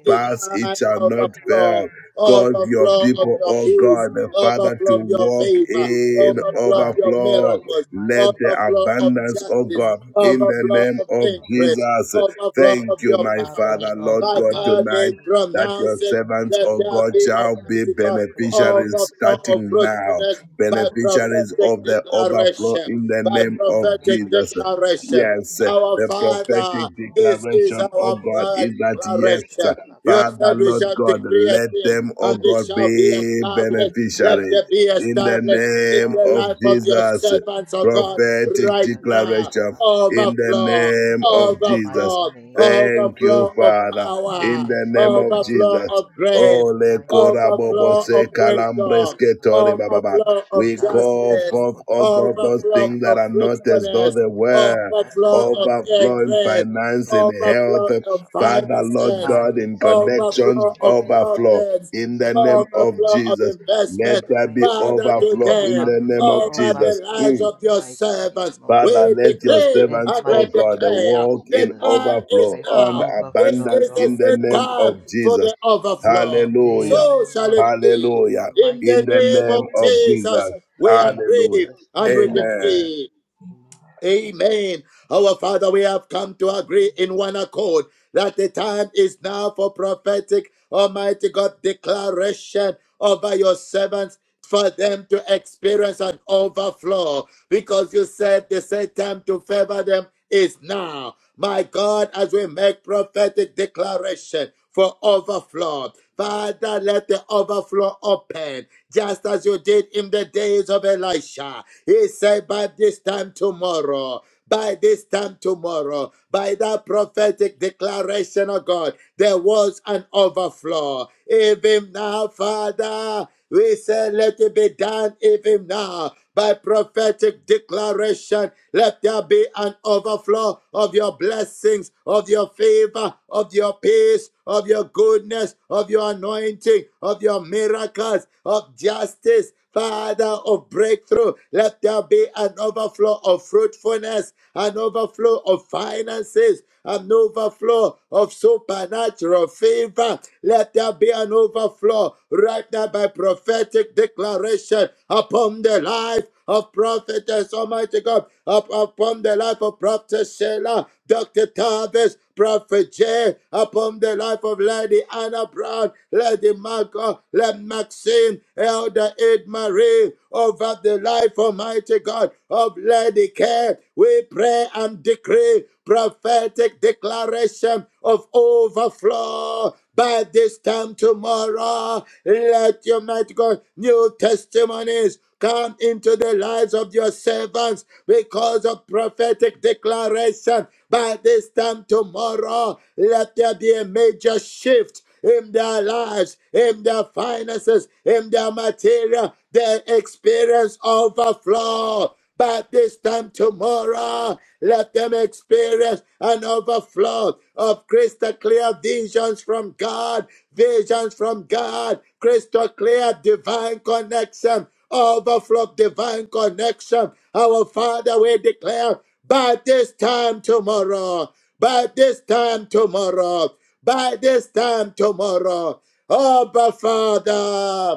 the,
pass. It
divine
shall not
the, the,
fail.
overflow,
Cause your
overflow of
people,
your
oh
peace,
God, Father, to
overflow of your
walk
favor,
Makorobashanarabasekatarabaye.
in
overflow of your
Father,
overflow.
Lord, in the
miracles,
Let
mighty
the
overflow
name
of
of
abundance, oh
Jesus.
justice,
God, in the
overflow
name
of
of
increase,
Jesus.
overflow
Masotorobayekiteria.
Thank
of
you,
your
my
Father,
Father,
power,
Lord,
Lord
my
God,
God,
tonight
they
overflowing,
that your
pronounce
overflowing
it.
of
servants,
Let
O
mercy
there
in
God,
the
be,
shall
mighty
be
name.
Almighty God,
Pray for all
overflow
beneficiaries
your
of
servants
starting
in the
now,
fruitfulness
mighty
by
name of
beneficiaries
Jesus,
prophetic
of
O
the
Lord
overflow
Almighty.
declaration.
in the
By
name of
prophetic
Jesus.
declaration.
Yes,
Our
the prophetic
Father,
Karabashandarabosokotoriandarabo.
this is
declaration, O
our
Oh,
God,
prayer
is
yes, O
that
Lord,
yes,
declaration. You
Father,
said we
Lord
shall
God,
decree a
let
thing
Basatalabasakatarabariandarabo.
them, O
and it
God,
shall
Oh,
be
yes,
be
in the
established.
mighty
Let
name
beneficiaries
it
of
be
in the
Jesus,
established
oh
in
name
the
Lord
of
life of your
Almighty.
Jesus.
servants, O God,
Prophetic
right now.
declaration
Masekatariandalabo.
in the
Overflow
name
Mm,
of
In the
Jesus.
mighty
overflow,
name of
Thank you,
Jesus.
overflow of
Father
Oh,
in
power,
yes,
the name
Lord,
of
oh,
overflow
Jesus.
of
oh, in
grace,
the
Ole
mighty name
korabobo
of
overflow
se
of
Jesus.
wisdom,
kalambreske tori bababa.
overflow of
We
Agalabashadalabo
call
justice,
forth, oh God, those
overflow
things that
of
sokotoriandalabo.
are not as though
fruitfulness,
they
Mm,
were.
overflow of
Overflowing
increase,
Yesakatarabayenerebo
finance in
overflow
health,
of
sokotoriandalabo.
Father, Lord
finances,
Ah,
God, in
yes, Lord, in the
connections,
overflow
mighty
of
name of
overflow
profits,
in
Jesus,
the
oh
name
Lord
of
overflow
Almighty.
of
Jesus.
We
Let
investment.
there be
pray, God,
Father,
let there be
overflow in
today,
the name
overflow,
of
over the
Jesus.
overflow
lives
Mm.
in
of
the
your
mighty
servants,
name of
Father,
we
let
Jesus.
your
decree
In the
servants,
and we
oh
mighty
God,
name of
declare
walk
the
in
Jesus.
time
overflow
is
Pray for
on
now. This
overflow,
abundance
is the
in
Lord
the
same
name
time
of
Almighty.
for
Jesus.
the
In the
overflow.
Hallelujah.
So
name
shall
of
it
Jesus,
be.
in the
Hallelujah.
In
mighty
In
the
the
name
name of
name
of
of
Jesus.
Jesus,
Jesus.
we are
In
praying
Hallelujah.
Jesus'
and
name
we
we have
Amen.
prayed.
decree.
Amen.
Amen. Our Father, we have come to agree in one accord that the time is now for prophetic, Almighty God, declaration over your servants for them to experience an overflow because you said the set time to favor them is now. My God, as we make prophetic declaration, for overflow. Father, let the overflow open, just as you did in the days of Elisha. He said, by this time tomorrow, by this time tomorrow, by that prophetic declaration of God, there was an overflow. Even now, Father, we say, let it be done even now by prophetic declaration. Let there be an overflow of your blessings, of your favor, of your peace, of your goodness, of your anointing, of your miracles, of justice. Father of breakthrough, let there be an overflow of fruitfulness, an overflow of finances, an overflow of supernatural of favor. Let there be an overflow right now by prophetic declaration upon the life of prophetess, Almighty God, up, upon the life of Prophet Sheila, Dr. Tavis, Prophet Jay, upon the life of Lady Anna Brown, Lady Marco, Lady Maxine, Elder Ed Marie, over the life, Almighty God, of Lady Care. We pray and decree prophetic declaration of overflow. By this time tomorrow, let your mighty God new testimonies come into the lives of your servants because of prophetic declaration. By this time tomorrow, let there be a major shift in their lives, in their finances, in their material. They experience overflow by this time tomorrow. Let them experience an overflow of crystal clear visions from God, visions from God, crystal clear divine connection, overflow of divine connection. Our Father, we declare by this time tomorrow, by this time tomorrow, by this time tomorrow. Oh, but Father.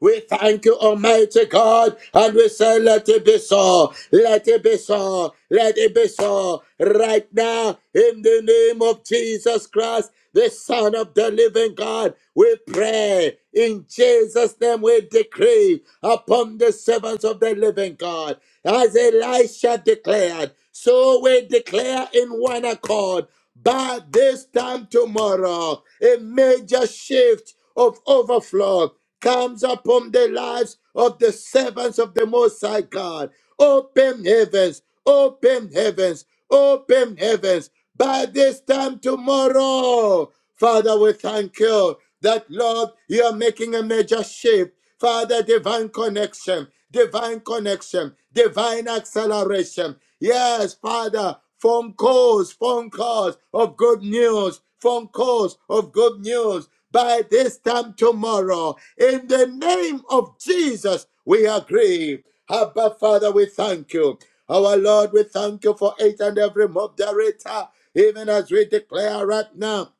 We thank you, Almighty God, and we say, let it be so. Let it be so. Let it be so. Right now, in the name of Jesus Christ, the Son of the living God, we pray. In Jesus' name, we decree upon the servants of the living God. As Elisha declared, so we declare in one accord by this time tomorrow, a major shift of overflow comes upon the lives of the servants of the Most High God. Open heavens, open heavens, open heavens. By this time tomorrow, Father, we thank you that, Lord, you are making a major shift. Father, divine connection, divine connection, divine acceleration. Yes, Father, phone calls, phone calls of good news phone calls of good news by this time tomorrow. In the name of Jesus, we agree. Abba, Father, we thank you. Our Lord, we thank you for each and every moderator, even as we declare right now.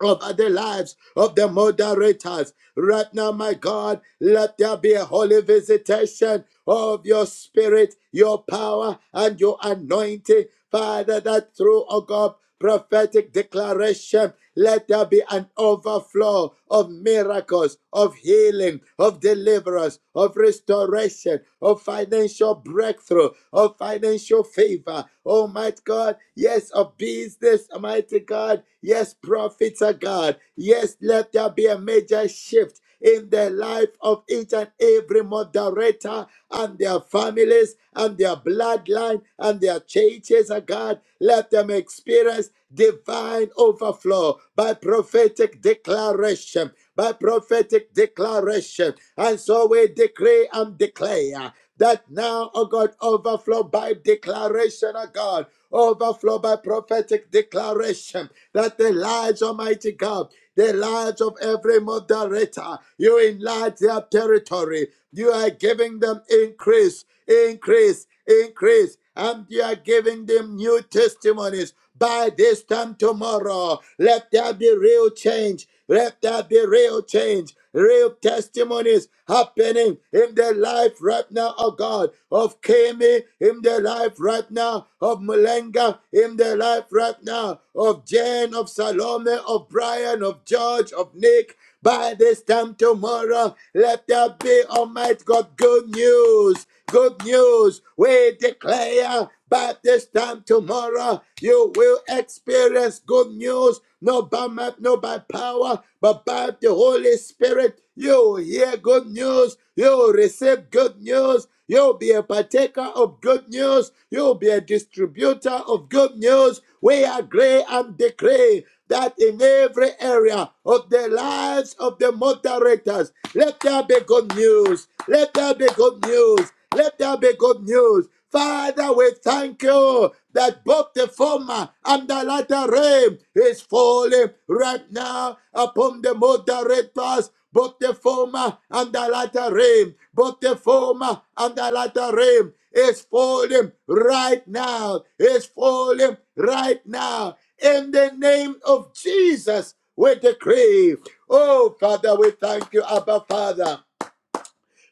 Of the lives of the moderators. Right now, my God, let there be a holy visitation of your spirit, your power, and your anointing. Father, that through, oh God, prophetic declaration, let there be an overflow of miracles, of healing, of deliverance, of restoration, of financial breakthrough, of financial favor. Almighty Almighty God. Yes, of business, Almighty God. Yes, prophets are God. Yes, let there be a major shift in the life of each and every moderator and their families and their bloodline and their churches, oh God. Let them experience divine overflow by prophetic declaration. By prophetic declaration. And so we decree and declare that now, oh God, overflow by declaration, oh God, overflow by prophetic declaration, that the lives, Almighty God, the lives of every moderator, you enlarge their territory, you are giving them increase, increase, increase, and you are giving them new testimonies. By this time tomorrow, let there be real change let there be real change, real testimonies happening in the life right now, oh God, of Kemi, in the life right now, of Mulenga, in the life right now, of Jane, of Salome, of Brian, of George, of Nick. By this time tomorrow, let there be, Almighty God, good news. Good news. We declare by this time tomorrow, you will experience good news, not by might, not by power, but by the Holy Spirit. You hear good news, you receive good news, you'll be a partaker of good news, you'll be a distributor of good news. We agree and decree that in every area of the lives of the moderators, let there be good news. Let there be good news. Let there be good news. Father, we thank you that both the former and the latter rain is falling right now upon the moderators. Both the former and the latter rain, both the former and the latter rain is falling right now. Is falling right now in the name of Jesus, we decree. Oh, Father, we thank you, Abba Father.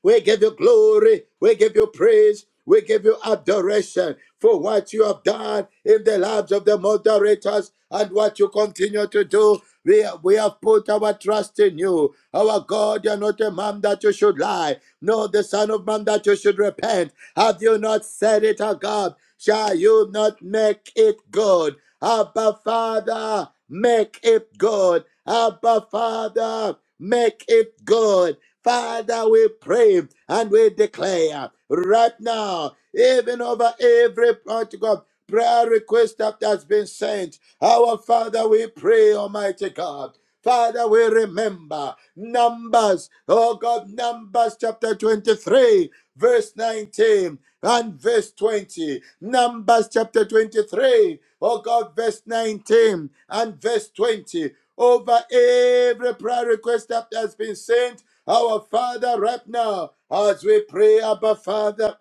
We give you glory. We give you praise. We give you adoration for what you have done in the lives of the moderators and what you continue to do. We, we have put our trust in you. Our God, you're not a man that you should lie, nor the Son of Man that you should repent. Have you not said it, O God? Shall you not make it good? Abba, Father, make it good. Abba, Father, Make it good. Father, we pray and we declare right now, even over every point to God, prayer request that has been sent. Our Father, we pray, Almighty God. Father, we remember Numbers, oh God, Numbers chapter 23, verse 19 and verse 20. Numbers chapter 23, oh God, verse 19 and verse 20 over every prayer request that has been sent. Our Father, right now, as we pray, Abba Father.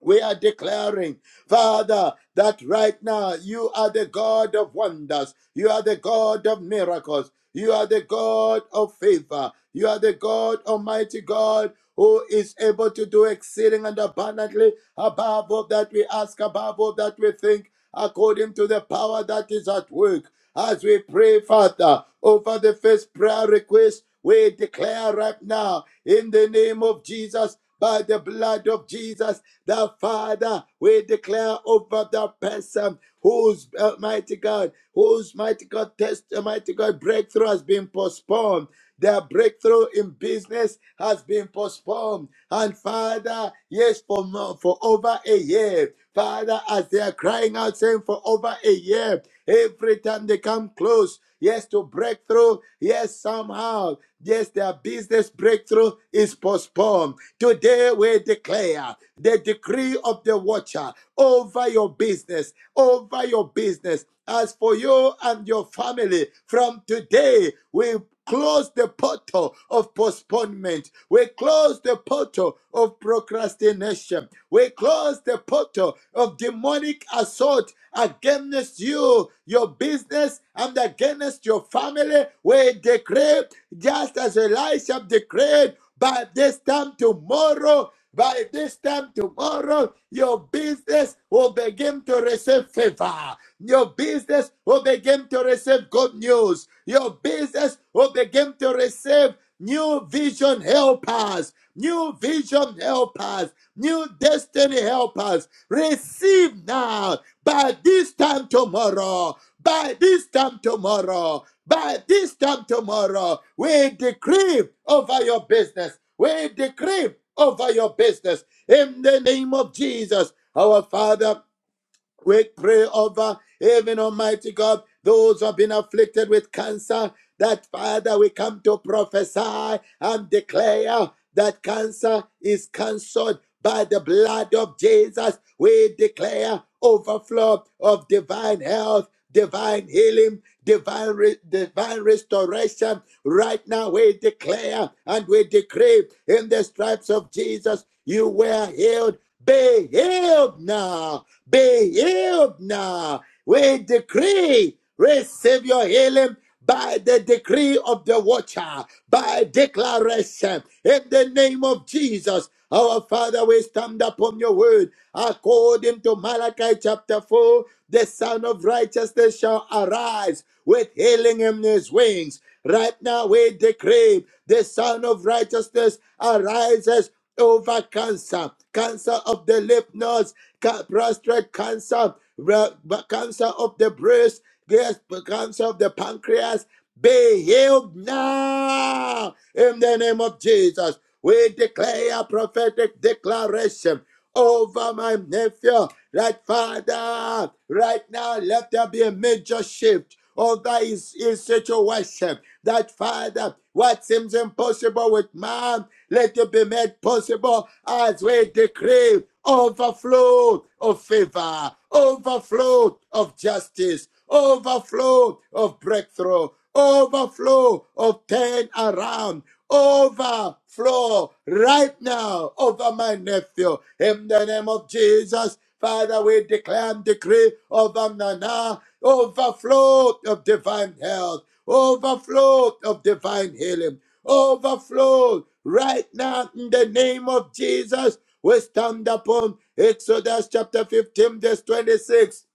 We are declaring, Father, that right now you are the God of wonders. You are the God of miracles. You are the God of favor. You are the God, Almighty God, who is able to do exceeding and abundantly above all that we ask, above all that we think, according to the power that is at work. As we pray, Father, over the first prayer request we declare right now, in the name of Jesus, by the blood of Jesus, the Father, we declare over that person whose uh, mighty God, whose mighty God test, uh, mighty God breakthrough has been postponed. Their breakthrough in business has been postponed. And Father, yes, for more, for over a year. Father, as they are crying out, saying for over a year, every time they come close, yes, to breakthrough, yes, somehow, yes, their business breakthrough is postponed. Today we declare the decree of the watcher over your business, over your business. As for you and your family, from today, we close the portal of postponement. We close the portal of procrastination. We close the portal of demonic assault against you, your business, and against your family. We decree, just as Elisha declared, by this time tomorrow by this time tomorrow, your business will begin to receive favor. Your business will begin to receive good news. Your business will begin to receive new vision helpers, new vision helpers, new destiny helpers. Receive now by this time tomorrow, by this time tomorrow, by this time tomorrow, we decree over your business. We decree over your business in the name of Jesus, our Father. We pray over even Almighty God, those who have been afflicted with cancer, that Father, we come to prophesy and declare that cancer is cancelled by the blood of Jesus. We declare overflow of divine health, divine healing, divine, re- divine restoration. Right now, we declare and we decree in the stripes of Jesus, you were healed. Be healed now be healed now. We decree, receive your healing by the decree of the watcher, by declaration in the name of Jesus. Our Father, we stand upon your word according to Malachi chapter 4. The Son of Righteousness shall arise with healing in his wings. Right now, we decree the Son of Righteousness arises over cancer cancer of the lymph nodes, ca- prostate cancer, ra- ba- cancer of the breast, yes, ba- cancer of the pancreas, be healed now in the name of Jesus. We declare a prophetic declaration over my nephew. Right, Father, right now, let there be a major shift over his, his situation. That, Father, what seems impossible with man, let it be made possible as we decree overflow of favor, overflow of justice, overflow of breakthrough, overflow of turn around, overflow right now over my nephew. In the name of Jesus, Father, we declare and decree over Nana, overflow of divine health, overflow of divine healing, overflow right now in the name of Jesus. We stand upon Exodus chapter 15, verse 26.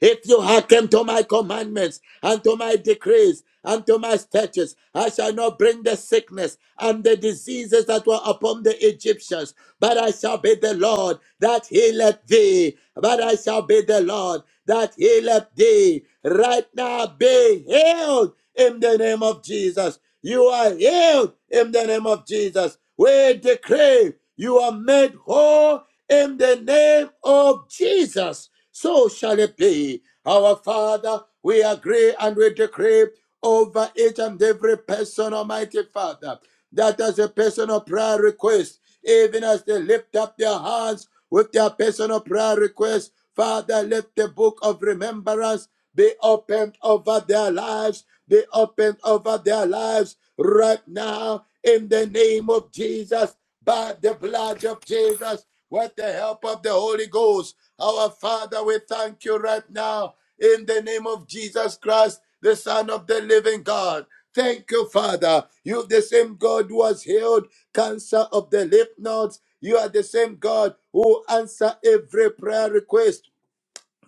If you hearken to my commandments and to my decrees and to my statutes, I shall not bring the sickness and the diseases that were upon the Egyptians, but I shall be the Lord that healeth thee. But I shall be the Lord that healeth thee. Right now, be healed in the name of Jesus. You are healed in the name of Jesus. We decree you are made whole in the name of Jesus so shall it be. Our Father, we agree and we decree over each and every person, Almighty Father, that as a personal prayer request, even as they lift up their hands with their personal prayer request, Father, let the book of remembrance be opened over their lives, be opened over their lives right now in the name of Jesus, by the blood of Jesus with the help of the Holy Ghost. Our Father, we thank you right now in the name of Jesus Christ, the Son of the living God. Thank you, Father. You, the same God who has healed cancer of the lymph nodes, you are the same God who answer every prayer request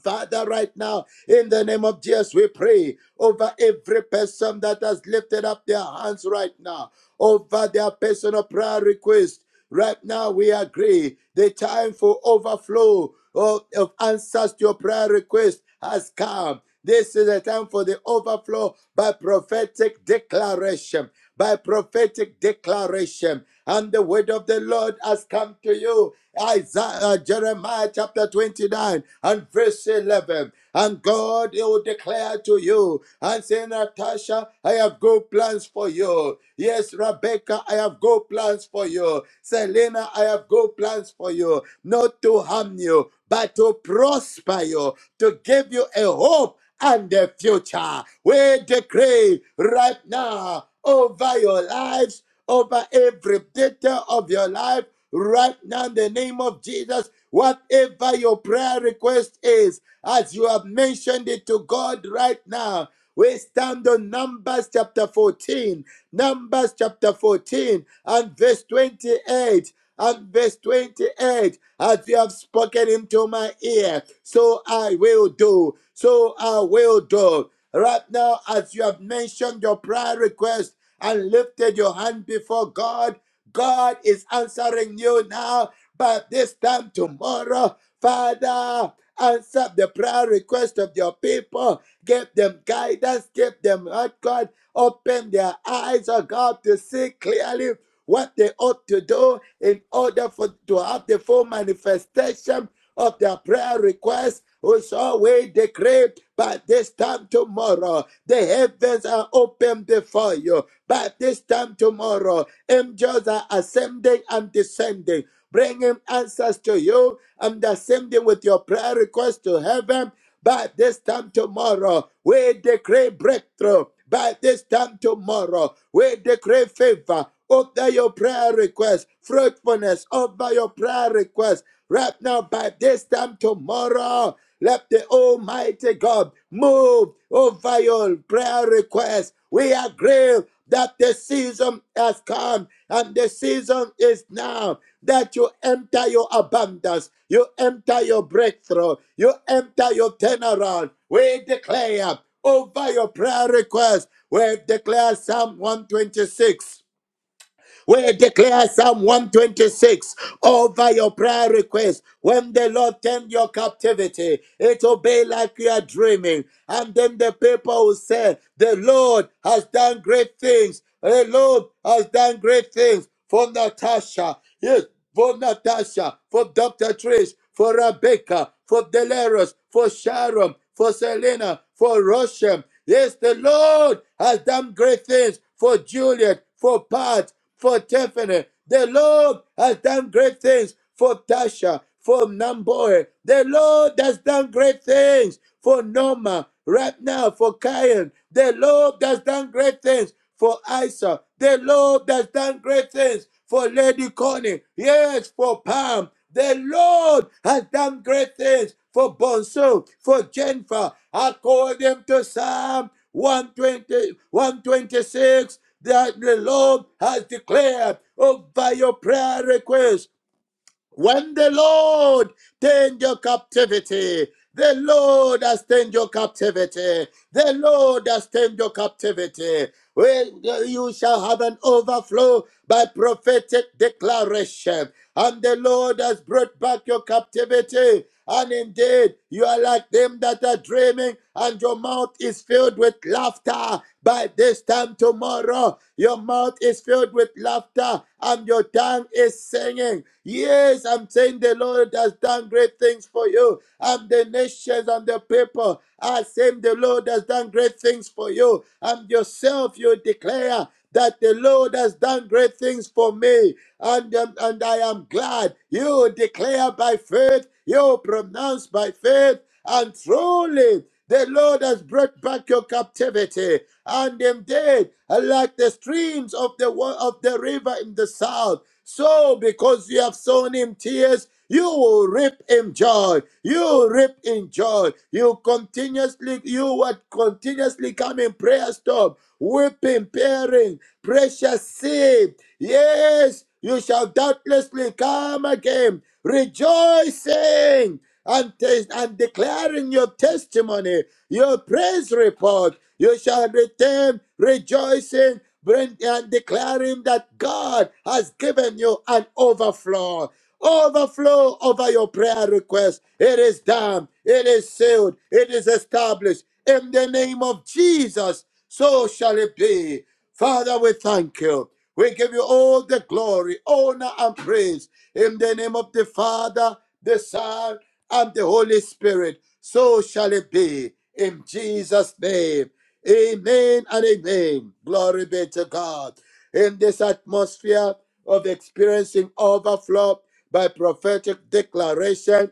Father, right now, in the name of Jesus, we pray over every person that has lifted up their hands right now, over their personal prayer request. Right now, we agree the time for overflow of, of answers to your prayer request has come. This is the time for the overflow by prophetic declaration. By prophetic declaration and the word of the Lord has come to you. Isaiah, uh, Jeremiah chapter 29 and verse 11. And God will declare to you and say, Natasha, I have good plans for you. Yes, Rebecca, I have good plans for you. Selena, I have good plans for you. Not to harm you, but to prosper you, to give you a hope and the future. We decree right now over your lives, over every detail of your life, right now in the name of Jesus. Whatever your prayer request is, as you have mentioned it to God right now, we stand on Numbers chapter 14, Numbers chapter 14 and verse 28. And verse 28, as you have spoken into my ear, so I will do, so I will do. Right now, as you have mentioned your prayer request and lifted your hand before God, God is answering you now, but this time tomorrow, Father, answer the prayer request of your people. Give them guidance, give them, oh God, open their eyes, oh God, to see clearly what they ought to do in order for to have the full manifestation of their prayer requests which always decree by this time tomorrow, the heavens are open before you. By this time tomorrow, angels are ascending and descending, bringing answers to you and ascending with your prayer request to heaven. By this time tomorrow, we decree breakthrough. By this time tomorrow, we decree favor over your prayer request, fruitfulness over your prayer request. Right now, by this time tomorrow, let the Almighty God move over your prayer request. We agree that the season has come and the season is now that you enter your abundance, you enter your breakthrough, you enter your turnaround. We declare over your prayer request, we declare Psalm 126 we declare Psalm 126 over your prayer request. When the Lord turned your captivity, it will be like you are dreaming. And then the people will say, The Lord has done great things. The Lord has done great things for Natasha. Yes, for Natasha, for Dr. Trish, for Rebecca, for Delores, for Sharon, for Selena, for Roshem. Yes, the Lord has done great things for Juliet, for Pat, for Tiffany. The Lord has done great things for Tasha, for Namboy. The Lord has done great things for Norma, right now, for Kyan. The Lord has done great things for Isa. The Lord has done great things for Lady Connie. Yes, for Pam. The Lord has done great things for Bonsu, for Jennifer, according to Psalm 120, 126 that the Lord has declared over your prayer request. When the Lord turned your captivity, the Lord has turned your captivity. The Lord has turned your captivity. Well, you shall have an overflow by prophetic declaration. And the Lord has brought back your captivity. And indeed, you are like them that are dreaming, and your mouth is filled with laughter. By this time tomorrow, your mouth is filled with laughter, and your tongue is singing. Yes, I'm saying the Lord has done great things for you, and the nations and the people are saying the Lord has done great things for you, and yourself you declare that the Lord has done great things for me, and, um, and I am glad. You declare by faith you pronounce by faith, and truly the Lord has brought back your captivity and them dead, like the streams of the of the river in the south. So, because you have sown him tears, you will reap in joy. You reap in joy. You continuously, you would continuously come in prayer storm, weeping, bearing precious seed. Yes, you shall doubtlessly come again, rejoicing and, tes- and declaring your testimony, your praise report. You shall return rejoicing bring- and declaring that God has given you an overflow. Overflow over your prayer request. It is done. It is sealed. It is established. In the name of Jesus, so shall it be. Father, we thank you. We give you all the glory, honor, and praise in the name of the Father, the Son, and the Holy Spirit. So shall it be in Jesus' name. Amen and amen. Glory be to God. In this atmosphere of experiencing overflow by prophetic declaration,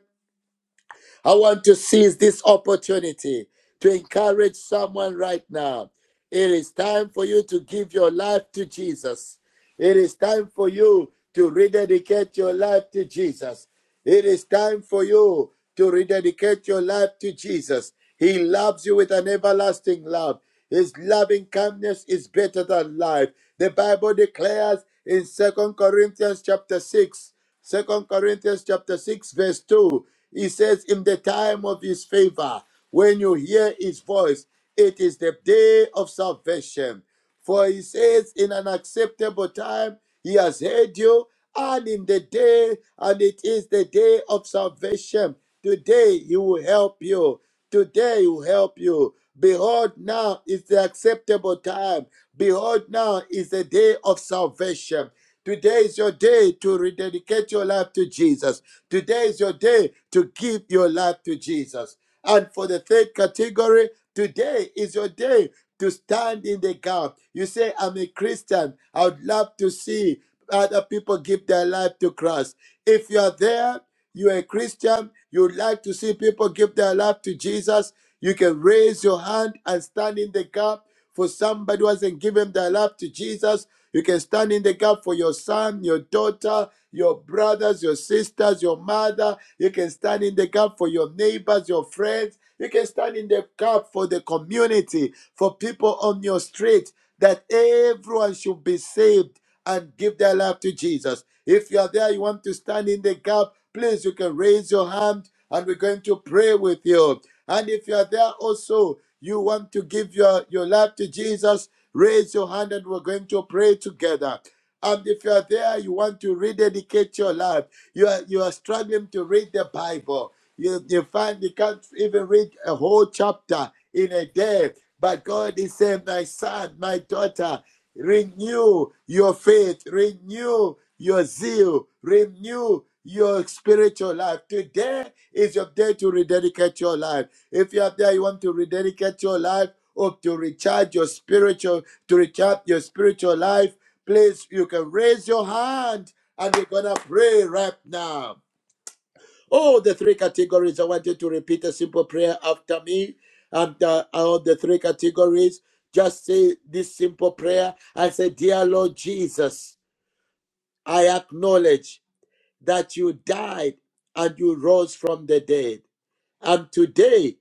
I want to seize this opportunity to encourage someone right now. It is time for you to give your life to Jesus. It is time for you to rededicate your life to Jesus. It is time for you to rededicate your life to Jesus. He loves you with an everlasting love. His loving kindness is better than life. The Bible declares in Second Corinthians chapter 6, Second Corinthians chapter 6, verse 2, he says, In the time of his favor, when you hear his voice, it is the day of salvation. For he says, In an acceptable time, he has heard you, and in the day, and it is the day of salvation. Today, he will help you. Today, he will help you. Behold, now is the acceptable time. Behold, now is the day of salvation. Today is your day to rededicate your life to Jesus. Today is your day to give your life to Jesus. And for the third category, today is your day to stand in the gap. You say, I'm a Christian. I would love to see other people give their life to Christ. If you are there, you're a Christian, you would like to see people give their life to Jesus, you can raise your hand and stand in the gap for somebody who hasn't given their life to Jesus. You can stand in the gap for your son, your daughter, your brothers, your sisters, your mother. You can stand in the gap for your neighbors, your friends. You can stand in the gap for the community, for people on your street, that everyone should be saved and give their life to Jesus. If you are there, you want to stand in the gap, please, you can raise your hand and we're going to pray with you. And if you are there also, you want to give your, your life to Jesus, raise your hand and we're going to pray together. And if you are there, you want to rededicate your life. You are you are struggling to read the Bible. You, you find you can't even read a whole chapter in a day. But God is saying, My son, my daughter, renew your faith, renew your zeal, renew your spiritual life. Today is your day to rededicate your life. If you are there, you want to rededicate your life or to recharge your spiritual, to recharge your spiritual life Please, you can raise your hand and we're going to pray right now. Oh, the three categories. I want you to repeat a simple prayer after me. And uh, all the three categories, just say this simple prayer and say, Dear Lord Jesus, I acknowledge that you died and you rose from the dead. And today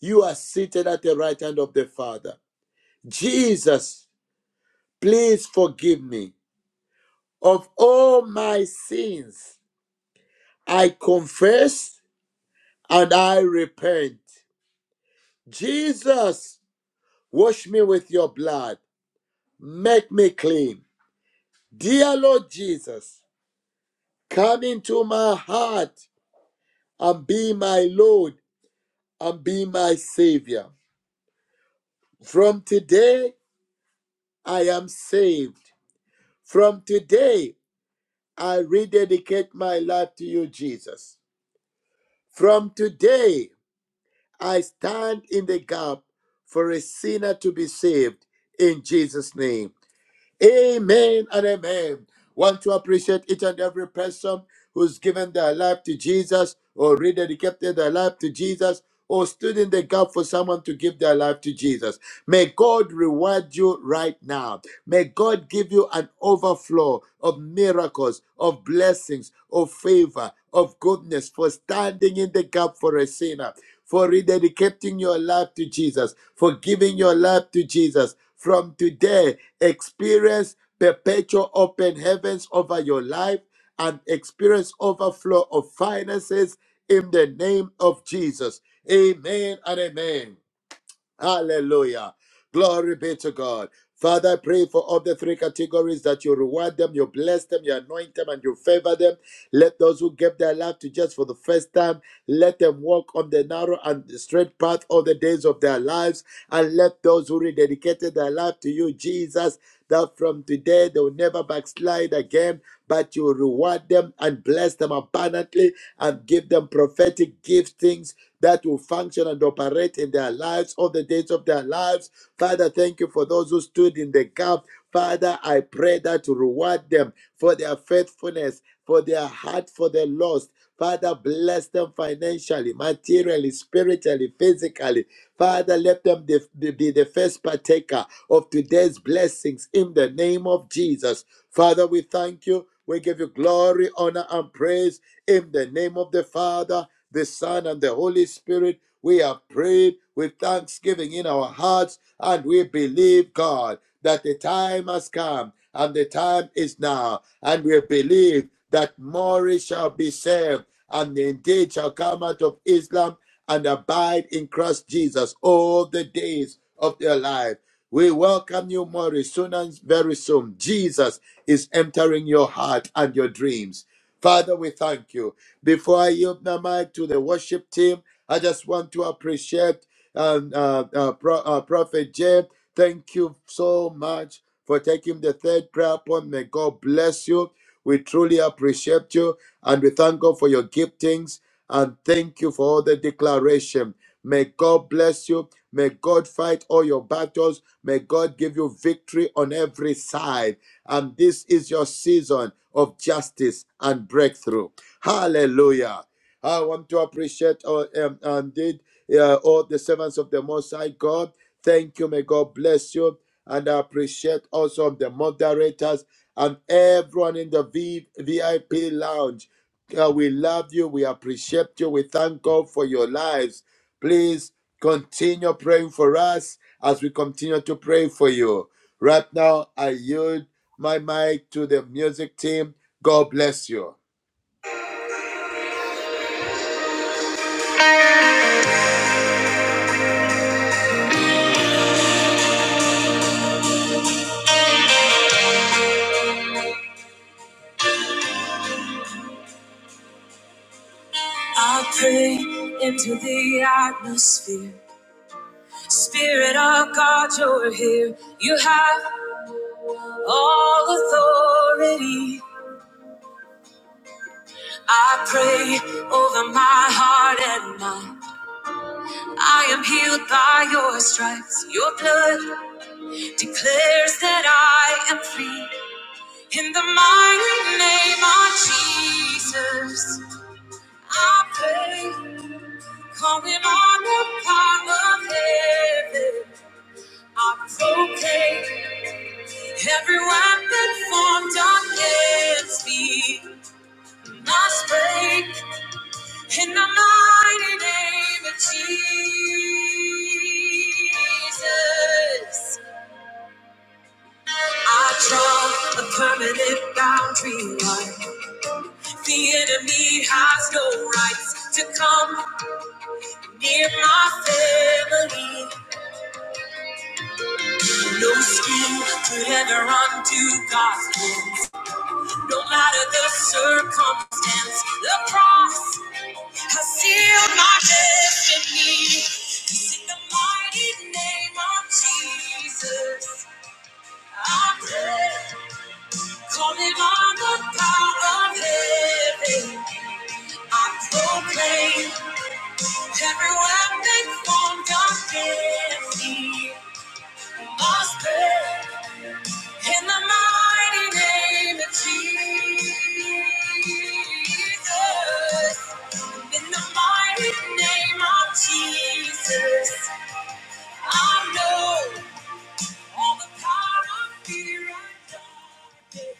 you are seated at the right hand of the Father. Jesus, please forgive me of all my sins I confess and I repent. Jesus, wash me with your blood. Make me clean. Dear Lord Jesus, come into my heart and be my Lord and be my Savior. From today, I am saved. From today, I rededicate my life to you, Jesus. From today, I stand in the gap for a sinner to be saved in Jesus' name. Amen and amen. Want to appreciate each and every person who's given their life to Jesus or rededicated their life to Jesus or stood in the gap for someone to give their life to Jesus. May God reward you right now. May God give you an overflow of miracles, of blessings, of favor, of goodness for standing in the gap for a sinner, for rededicating your life to Jesus, for giving your life to Jesus from today, experience perpetual open heavens over your life and experience overflow of finances in the name of Jesus. Amen and amen. Hallelujah. Glory be to God. Father, I pray for all the three categories that you reward them, you bless them, you anoint them, and you favor them. Let those who gave their life to just for the first time, let them walk on the narrow and straight path all the days of their lives. And let those who rededicated their life to you, Jesus, that from today they will never backslide again but you reward them and bless them abundantly and give them prophetic giftings that will function and operate in their lives all the days of their lives. Father, thank you for those who stood in the gap. Father, I pray that you reward them for their faithfulness, for their heart for the lost. Father, bless them financially, materially, spiritually, physically. Father, let them be be the first partaker of today's blessings in the name of Jesus. Father, we thank you. We give you glory, honor, and praise in the name of the Father the Son, and the Holy Spirit. We have prayed with thanksgiving in our hearts, and we believe, God, that the time has come and the time is now. And we believe that more shall be saved, and indeed shall come out of Islam and abide in Christ Jesus all the days of their life. We welcome you, Maury, soon and very soon. Jesus is entering your heart and your dreams. Father, we thank you. Before I yield my mic to the worship team, I just want to appreciate um, uh, uh, Pro- uh, Prophet Jeb. Thank you so much for taking the third prayer point. May God bless you. We truly appreciate you and we thank God for your giftings and thank you for all the declaration. May God bless you. May God fight all your battles. May God give you victory on every side. And this is your season of justice and breakthrough. Hallelujah. I want to appreciate all, um, indeed uh, all the servants of the Most High God. Thank you. May God bless you. And I appreciate also the moderators and everyone in the v- VIP lounge. Uh, we love you. We appreciate you. We thank God for your lives. Please continue praying for us as we continue to pray for you. Right now, I yield my mic to the music team. God bless you.
I pray into the atmosphere. Spirit of God, you're here. You have all authority. I pray over my heart and mind. I am healed by your stripes. Your blood declares that I am free. In the mighty name of Jesus, I pray, calling on the power of heaven. I proclaim every weapon formed against me must break in the mighty name of Jesus. I draw a permanent boundary line. The enemy has no rights to come near my family. No scheme could ever undo God's plans. No matter the circumstance, the cross has sealed my destiny. 'Cause in the mighty name of Jesus, I pray. Calling on the power of heaven. I proclaim every weapon formed against me prospered in the mighty name of Jesus. In the mighty name of Jesus, I know all the power of fear and darkness.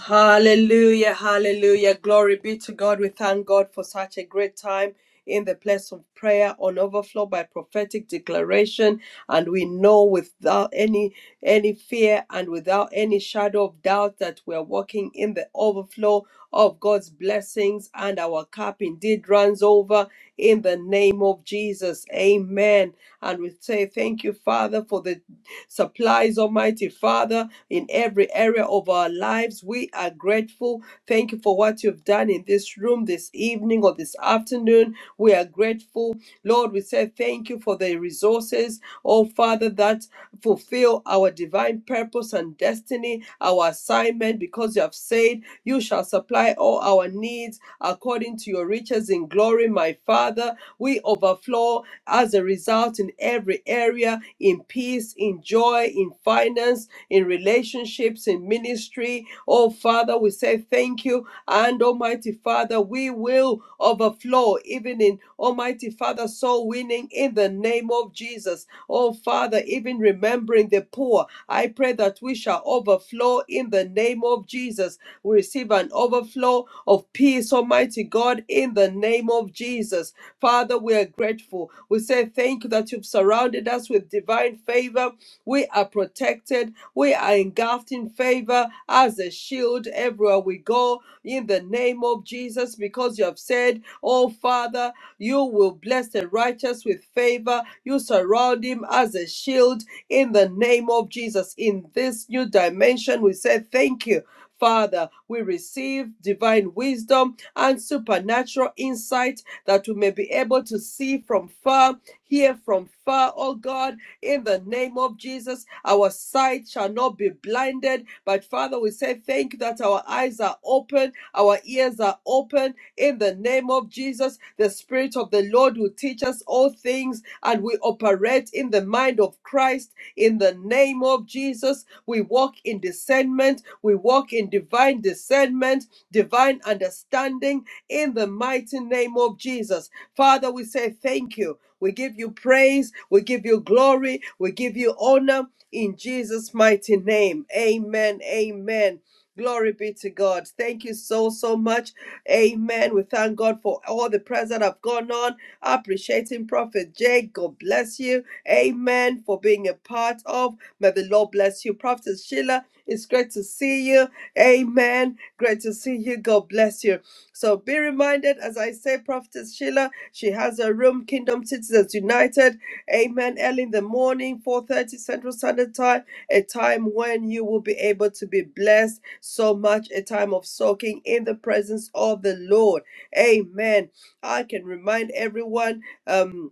Hallelujah, hallelujah. Glory be to God. We thank God for such a great time in the place of prayer on overflow by prophetic declaration and we know without any any fear and without any shadow of doubt that we are walking in the overflow of God's blessings and our cup indeed runs over in the name of Jesus. Amen. And we say thank you, Father, for the supplies, Almighty Father, in every area of our lives. We are grateful. Thank you for what you've done in this room this evening or this afternoon. We are grateful. Lord, we say thank you for the resources, oh Father, that fulfill our divine purpose and destiny, our assignment, because you have said you shall supply all our needs according to your riches in glory, my Father. We overflow as a result in every area, in peace, in joy, in finance, in relationships, in ministry ministry. Oh, Father, we say thank you. And Almighty Father, we will overflow even in Almighty Father, soul winning in the name of Jesus. Oh, Father, even remembering the poor, I pray that we shall overflow in the name of Jesus. We receive an overflow of peace, Almighty God, in the name of Jesus. Father, we are grateful grateful. We say thank you that you've surrounded us with divine favor. We are protected. We are engulfed in favor as a shield everywhere we go. In the name of Jesus, because you have said, Oh Father, you will bless the righteous with favor. You surround him as a shield in the name of Jesus. In this new dimension, we say thank you. Father, we receive divine wisdom and supernatural insight that we may be able to see from far, hear from far, oh God, in the name of Jesus, our sight shall not be blinded. But Father, we say thank you that our eyes are open, our ears are open. In the name of Jesus, the Spirit of the Lord will teach us all things, and we operate in the mind of Christ. In the name of Jesus, we walk in discernment, we walk in divine discernment, divine understanding. In the mighty name of Jesus, Father, we say thank you. We give you praise. We give you glory. We give you honor in Jesus' mighty name. Amen. Amen. Glory be to God. Thank you so, so much. Amen. We thank God for all the prayers that have gone on. Appreciating Prophet Jake. God bless you. Amen. For being a part of. May the Lord bless you. Prophet Sheila, it's great to see you. Amen. Great to see you. God bless you. So be reminded, as I say, Prophetess Sheila, she has her room, Kingdom Citizens United. Amen. Early in the morning, 4.30 Central Standard Time, a time when you will be able to be blessed so much, a time of soaking in the presence of the Lord. Amen. I can remind everyone. um,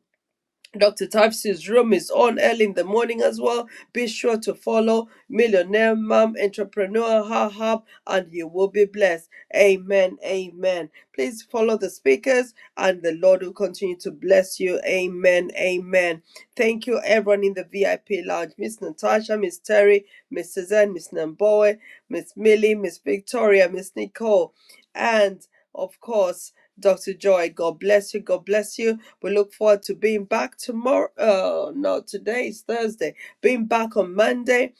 Dr. Tavis' room is on early in the morning as well. Be sure to follow Millionaire Mom Entrepreneur Her Hub and you will be blessed. Amen. Amen. Please follow the speakers and the Lord will continue to bless you. Amen. Amen. Thank you, everyone in the VIP lounge. Miss Natasha, Miss Terry, Miss Suzanne, Miss Namboy, Miss Millie, Miss Victoria, Miss Nicole, and of course, Dr. Joy, God bless you. God bless you. We look forward to being back tomorrow. Oh, no, today is Thursday. Being back on Monday.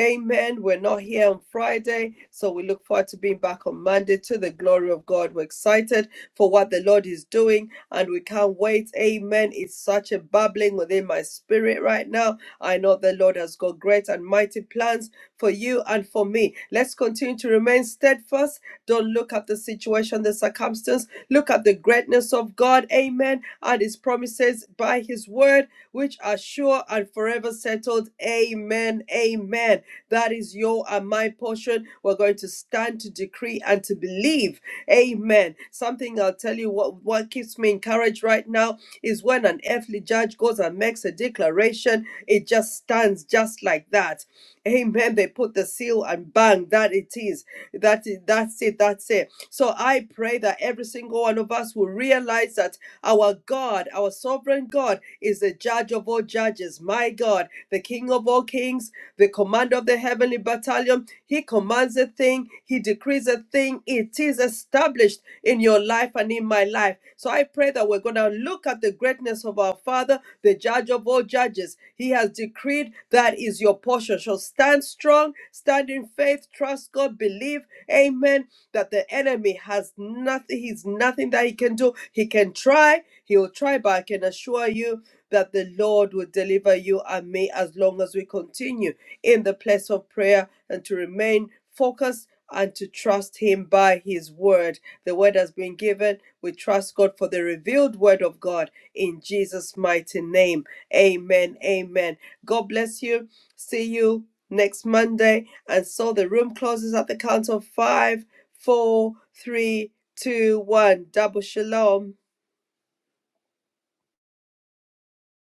Amen. We're not here on Friday, so we look forward to being back on Monday to the glory of God. We're excited for what the Lord is doing and we can't wait. Amen. It's such a bubbling within my spirit right now. I know the Lord has got great and mighty plans for you and for me. Let's continue to remain steadfast. Don't look at the situation, the circumstance. Look at the greatness of God. Amen. And his promises by his word word which are sure and forever settled. Amen. Amen. That is your and my portion. We're going to stand to decree and to believe. Amen. Something I'll tell you what, what keeps me encouraged right now is when an earthly judge goes and makes a declaration, it just stands just like that. Amen. They put the seal and bang, that it is. That is that's it. That's it. So I pray that every single one of us will realize that our God, our sovereign God, is the judge of all judges. My God, the King of all kings, the commander of the heavenly battalion. He commands a thing, he decrees a thing. It is established in your life and in my life. So I pray that we're going to look at the greatness of our Father, the judge of all judges. He has decreed that that is your portion. So stand strong, stand in faith, trust God, believe, amen, that the enemy has nothing, he's nothing that he can do. He can try, he'll try, but I can assure you that the Lord will deliver you and me as long as we continue in the place of prayer and to remain focused and to trust him by his word. The word has been given. We trust God for the revealed word of God in Jesus' mighty name. Amen. Amen. God bless you. See you next Monday. And so the room closes at the count of five, four, three, two, one. Double shalom.